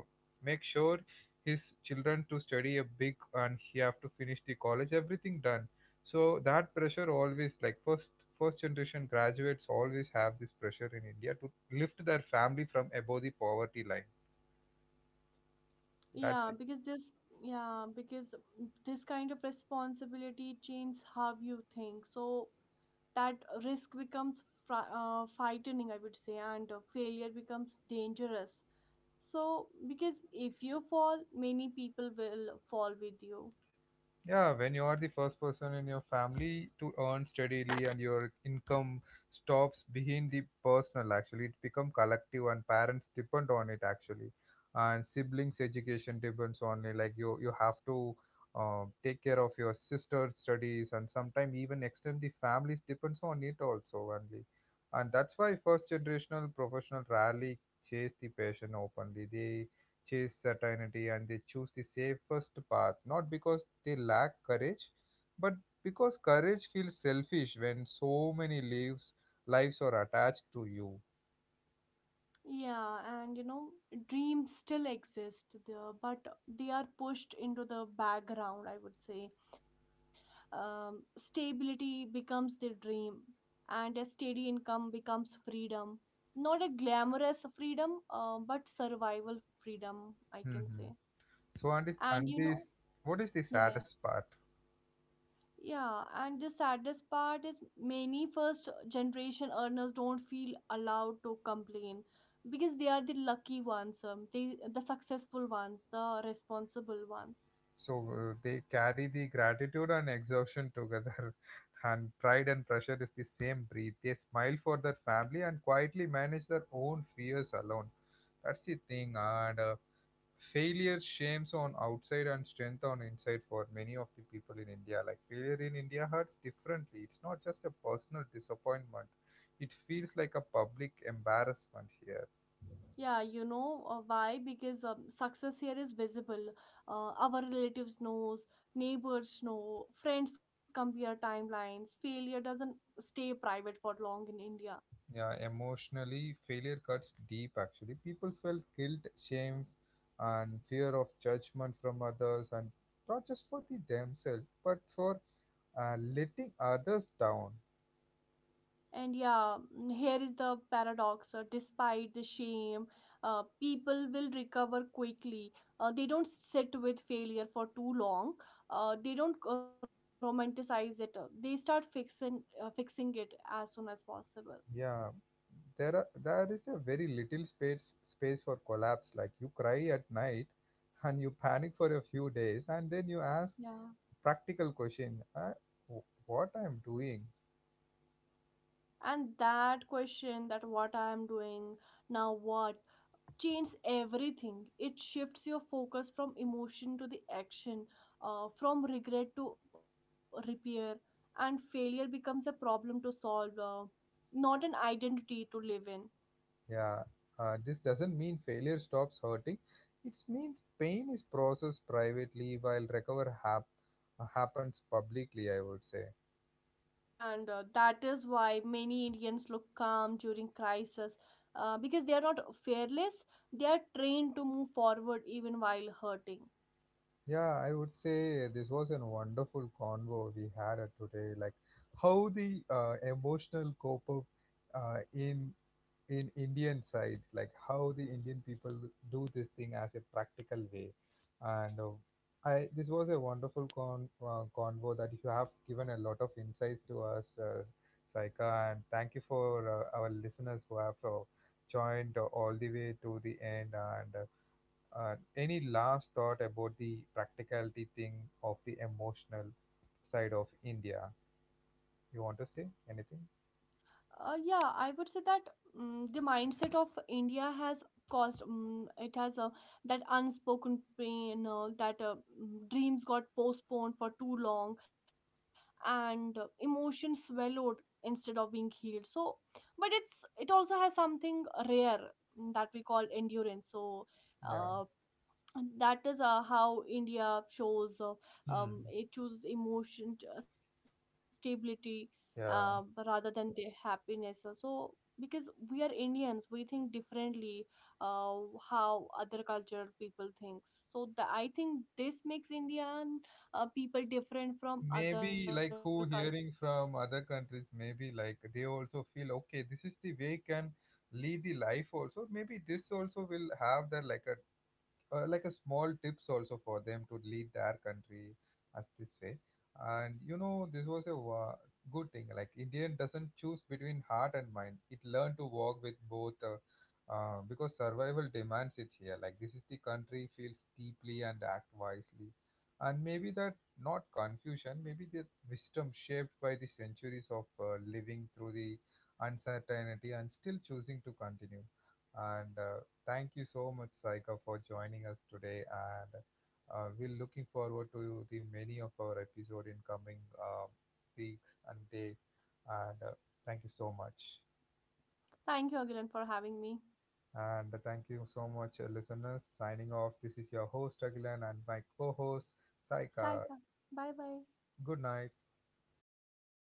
[SPEAKER 1] make sure his children to study a big and he have to finish the college everything done. So that pressure always, like, first generation graduates always have this pressure in India to lift their family from above the poverty line. That's
[SPEAKER 2] Yeah,
[SPEAKER 1] it.
[SPEAKER 2] because yeah, because this kind of responsibility changes how you think. So that risk becomes frightening, I would say, and failure becomes dangerous. So, because if you fall, many people will fall with you.
[SPEAKER 1] Yeah, when you are the first person in your family to earn steadily and your income stops behind the personal, actually, it become collective and parents depend on it actually, and siblings' education depends on it. Like you have to take care of your sister's studies, and sometimes even extend the families depends on it also only, and that's why first generational professional rarely chase the passion openly. They chase certainty and they choose the safest path, not because they lack courage, but because courage feels selfish when so many lives are attached to you.
[SPEAKER 2] Yeah, and you know, dreams still exist there, but they are pushed into the background, I would say. Um, stability becomes their dream, and a steady income becomes freedom, not a glamorous freedom, but survival freedom, I can
[SPEAKER 1] Hmm.
[SPEAKER 2] say.
[SPEAKER 1] So and this,
[SPEAKER 2] And
[SPEAKER 1] and
[SPEAKER 2] you know.
[SPEAKER 1] this, what is the
[SPEAKER 2] Yeah.
[SPEAKER 1] saddest part?
[SPEAKER 2] Yeah, and the saddest part is many first generation earners don't feel allowed to complain, because they are the lucky ones, they the successful ones, the responsible ones.
[SPEAKER 1] So they carry the gratitude and exhaustion together, and pride and pressure is the same breath. They smile for their family and quietly manage their own fears alone. That's the thing, and failure shames on outside and strength on inside for many of the people in India. Like failure in India hurts differently. It's not just a personal disappointment. It feels like a public embarrassment here.
[SPEAKER 2] Yeah, you know, why? Because success here is visible. Our relatives knows, neighbors know, friends compare timelines. Failure doesn't stay private for long in India.
[SPEAKER 1] Yeah, emotionally, failure cuts deep actually. People felt guilt, shame, and fear of judgment from others, and not just for the themselves, but for letting others down.
[SPEAKER 2] And yeah, mm, here is the paradox. Despite the shame, people will recover quickly. They don't sit with failure for too long. They don't romanticize it. They start fixing it as soon as possible.
[SPEAKER 1] Yeah, there is a very little space for collapse. Like you cry at night, and you panic for a few days, and then you ask
[SPEAKER 2] Yeah.
[SPEAKER 1] practical question: wh- what I'm doing?
[SPEAKER 2] And that question that what I am doing now what changes everything. It shifts your focus from emotion to the action, from regret to repair, and failure becomes a problem to solve, not an identity to live in.
[SPEAKER 1] Yeah, this doesn't mean failure stops hurting. It means pain is processed privately while happens publicly, I would say.
[SPEAKER 2] And that is why many indians look calm during crisis, because they are not fearless, they are trained to move forward even while hurting.
[SPEAKER 1] Yeah, I would say this was a wonderful convo we had today. Like how the emotional cope up uh, in in Indian side, like how the Indian people do this thing as a practical way. And I this was a wonderful convo that you have given a lot of insights to us, Saika, and thank you for our listeners who have joined all the way to the end and. Any last thought about the practicality thing of the emotional side of India? You want to say anything?
[SPEAKER 2] Yeah, I would say that the mindset of India has caused it has that unspoken pain, dreams got postponed for too long, and emotions swallowed instead of being healed. So, but it's it also has something rare, mm, that we call endurance. So,
[SPEAKER 1] Yeah.
[SPEAKER 2] uh, and that is how india shows
[SPEAKER 1] Hmm.
[SPEAKER 2] it chooses stability uh, rather than
[SPEAKER 1] Yeah.
[SPEAKER 2] the happiness. So because we are indians we think differently, uh, how other culture people thinks. So I think this makes indian people different from other
[SPEAKER 1] Maybe
[SPEAKER 2] culture.
[SPEAKER 1] like who hearing from other countries, maybe like they also feel okay. This is the way can lead the life also. Maybe this also will have that like a small tips also for them to lead their country as this way. And you know, this was a good thing, like Indian doesn't choose between heart and mind, it learned to walk with both, because survival demands it here. Like this is the country feels deeply and act wisely, and maybe that not confusion, maybe the wisdom shaped by the centuries of living through the uncertainty and still choosing to continue. And thank you so much, Saika, for joining us today, and we're looking forward to the many of our episode in coming weeks and days. And thank you so much,
[SPEAKER 2] Thank you again for having me.
[SPEAKER 1] and thank you so much, listeners. Signing off. This is your host Agilan and my co-host
[SPEAKER 2] Saika.
[SPEAKER 1] Saika.
[SPEAKER 2] Bye bye.
[SPEAKER 1] Good night.
[SPEAKER 2] Good night.